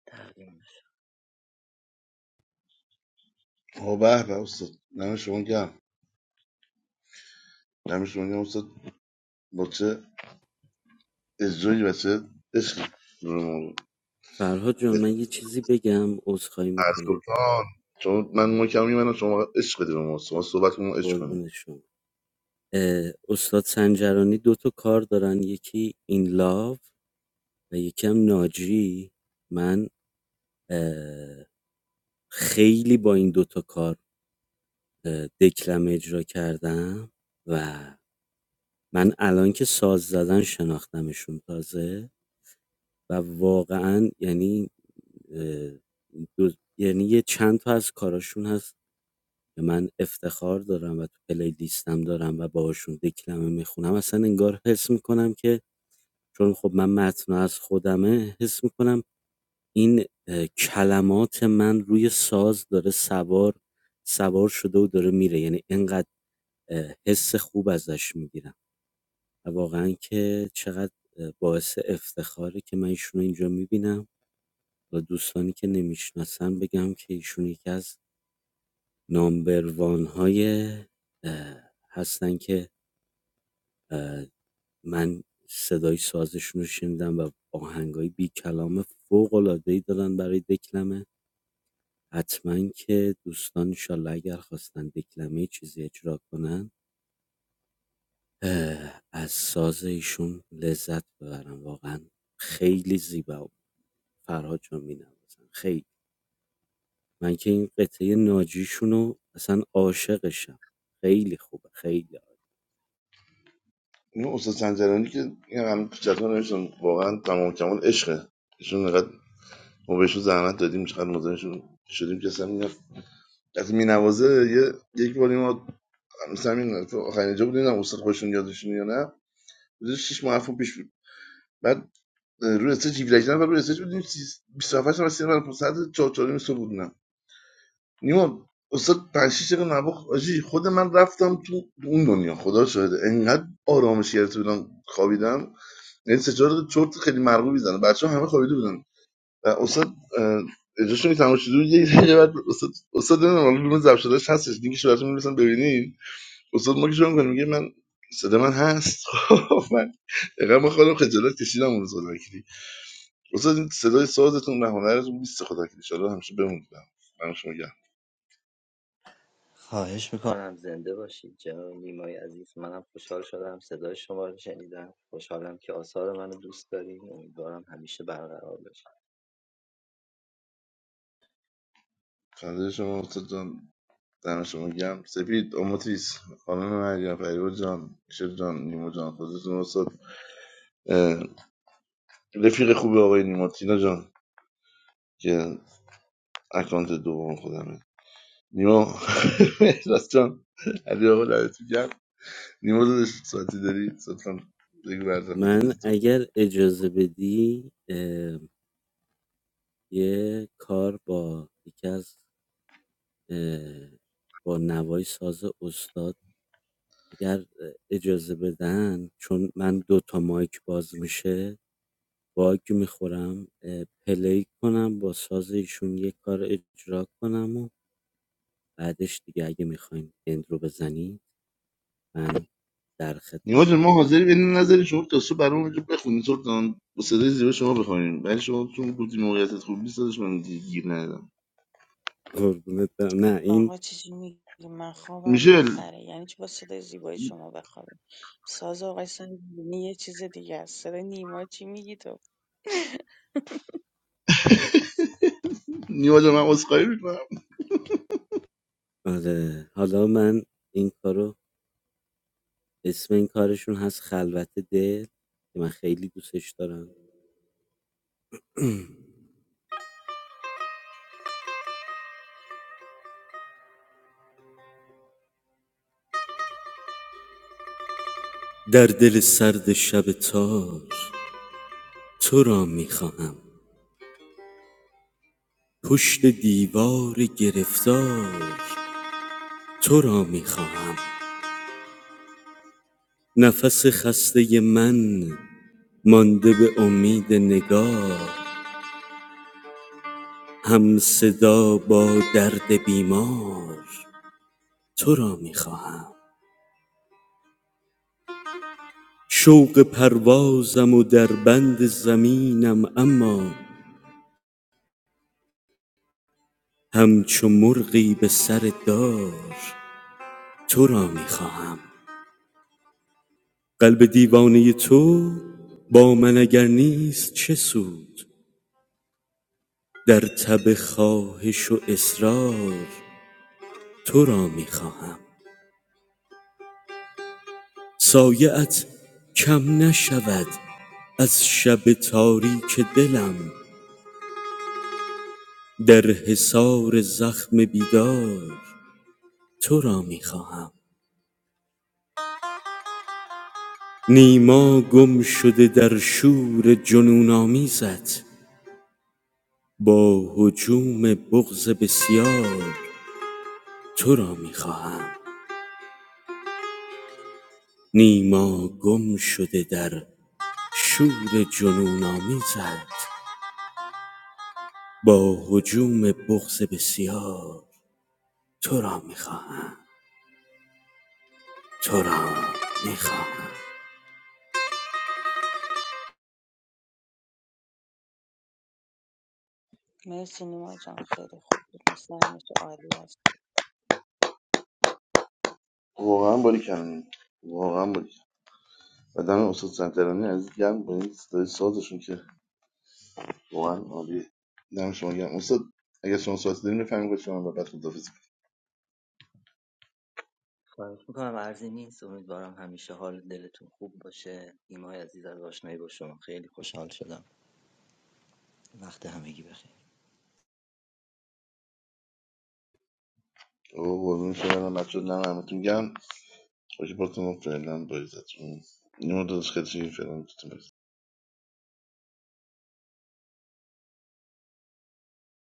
تقدیم
کنم آه به به استاد نمه شما گرم همیشه میگم استاد با چه اجرایی و چه عشقی به ما
فرهاد جان من یه چیزی بگم عذرخواهی میکنم
سلطان چون من ما کمی منم شما عشق بدی به ما شما صحبت ما عشق کنیم
قربون شما اه، استاد سنجرانی دو تا کار دارن یکی این لاو و یکی هم ناجی من اه، خیلی با این دوتا کار اه، دکلمه اجرا کردم و من الان که ساز زدن شناختمشون تازه و واقعا یعنی اه، دو- یعنی یه چند تا از کاراشون هست که من افتخار دارم و تو پلی پلیلیستم دارم و باهاشون یه کلمه میخونم اصلا انگار حس میکنم که چون خب من متن از خودمه حس میکنم این اه، کلمات من روی ساز داره سوار سوار شده و داره میره یعنی انقدر اه، حس خوب ازش میگیرم و واقعا که چقدر اه، باعث افتخاره که من ایشون رو اینجا میبینم و دوستانی که نمیشناسن بگم که ایشون یکی از نامبروان های هستن که اه، من صدای سازشون رو شنیدم و آهنگای بی کلام فوق العاده ای دارن برای دکلمه. حتما که دوستان انشالله اگر خواستن دکلمه چیزی اجرا کنن اه، از ساز ایشون لذت ببرن واقعا خیلی زیبا و فرهاد جان می‌نوازن خیلی من که این قطعه ناجیشون رو اصلا عاشقشم خیلی خوبه خیلی عالی.
این استاد سنجرانی که این هم چطور نمیشون واقعا تمام کمال عشقه ایشون انقدر ما بهشون زحمت دادیم چقدر مزاحمشون شدیم که اصلا میگم از مینوازه یه یک باری ما مثلا همین تو آخرین جا بودیم نه استاد خودشون یادشون یا نه بودیم شش ماه پیش بود بعد روی استیج 17 نفر روی استیج بودیم 27 نفر 30 نفر 500 44 میسو بودن نیما استاد 5 6 دقیقه نواخت آجی خود من رفتم تو اون دنیا خدا شاهده انقدر آرامش گرفته بودم خوابیدم یعنی سه چهار تا چرت خیلی مرغوب میزنه بچه‌ها همه خوابیده بودن و استاد اه، اجازه که تماشا شده بود یه دقیقه بعد استاد استاد نمیدونم حالا روم ضبط شدهش هستش دیگه شو براتون میرسن ببینین استاد ما که شروع می‌کنه میگه من صدا من هست خب من اقام خودم خجالت کشیدم اون روز واسه این صدای سازتون و هنرتون بیست خدا که ایشالا همیشه بمونید دم شما گم
خواهش میکنم زنده باشید جناب نیمای عزیز منم خوشحال شدم صدای شما رو شنیدم خوشحالم که آثار منو دوست دارین امیدوارم همیشه برقرار باشه
فضای شما استاد جان دم شما گم سپید اماتیس خانم مریم فریبا جان شر جان نیما جان خودتون استاد اه، رفیق خوب آقای نیما تینا جان که اکانت دوم خودمه نیما راست جان علی آقا لعنتت گم نیما دادش ساعتی داری لطفا بگو بعد
من
خدافزی تو.
اگر اجازه بدی یه کار با یکی از اه، با نوای ساز استاد اگر اجازه بدن چون من دو تا مایک باز میشه باگ میخورم اه، پلی کنم با ساز ایشون یه کار اجرا کنم و بعدش دیگه اگه میخواین اند رو بزنی من در
نیما جون ما
خدمتم
حاضری
فرهاد جون.
بدین نظر شما تا صبح برامون اینجا بخونین سلطان با صدای زیبا شما بخونین ولی شما چون گفتی موقعیتت خوب نیست داداش من دیگه گیر ندادم
قربونت برم. نه این
آقا چیزی میگی من خوابم
میشل
میپره یعنی چی با صدای زیبای شما بخوابی ساز آقای سلیمی یه چیز دیگه است صدای نیما چی میگی تو
نیما جون من عذرخواهی میکنم
آره حالا من این کارو اسم این کارشون هست خلوت دل که من خیلی دوستش دارم در دل سرد شب تار تو را میخواهم پشت دیوار گرفتار تو را میخواهم نفس خسته من مانده به امید نگاه هم صدا با درد بیمار تو را میخواهم شوق پروازم و در بند زمینم اما همچو مرغی به سر دار تو را میخواهم قلب دیوانه تو با من اگر نیست چه سود در تب خواهش و اصرار تو را میخواهم سایعت کم نشود از شب تاریک دلم در حصار زخم بیدار تو را میخواهم نیما گم شده در شور جنون آمیزت با هجوم بغض بسیار تو را میخواهم نیما گم شده در شور جنون آمیزد با هجوم بغض بسیار تو را میخواهم تو را میخواهم
مرسی نیما جان خیلی خوب بود مثل همیشه عالی هستی
واقعا باری کردم واقعا باری کردین. و دم استاد سنترانی عزیز گرم با این صدای سازشون که واقعا عالیه دم شما گرم استاد اگه شما ساعت دارین بفهمید که شما و بعد خدافظی کنید
خواهش میکنم عرضی نیست امیدوارم همیشه حال دلتون خوب باشه نیمای عزیز از آشنایی با شما خیلی خوشحال شدم وقت همگی بخیر
اوه قربون شما من بچه دم همتون گرم باشه بارتون فعلا با عزتون نیما داداش خیلی شیرین، فعلا بایزتون.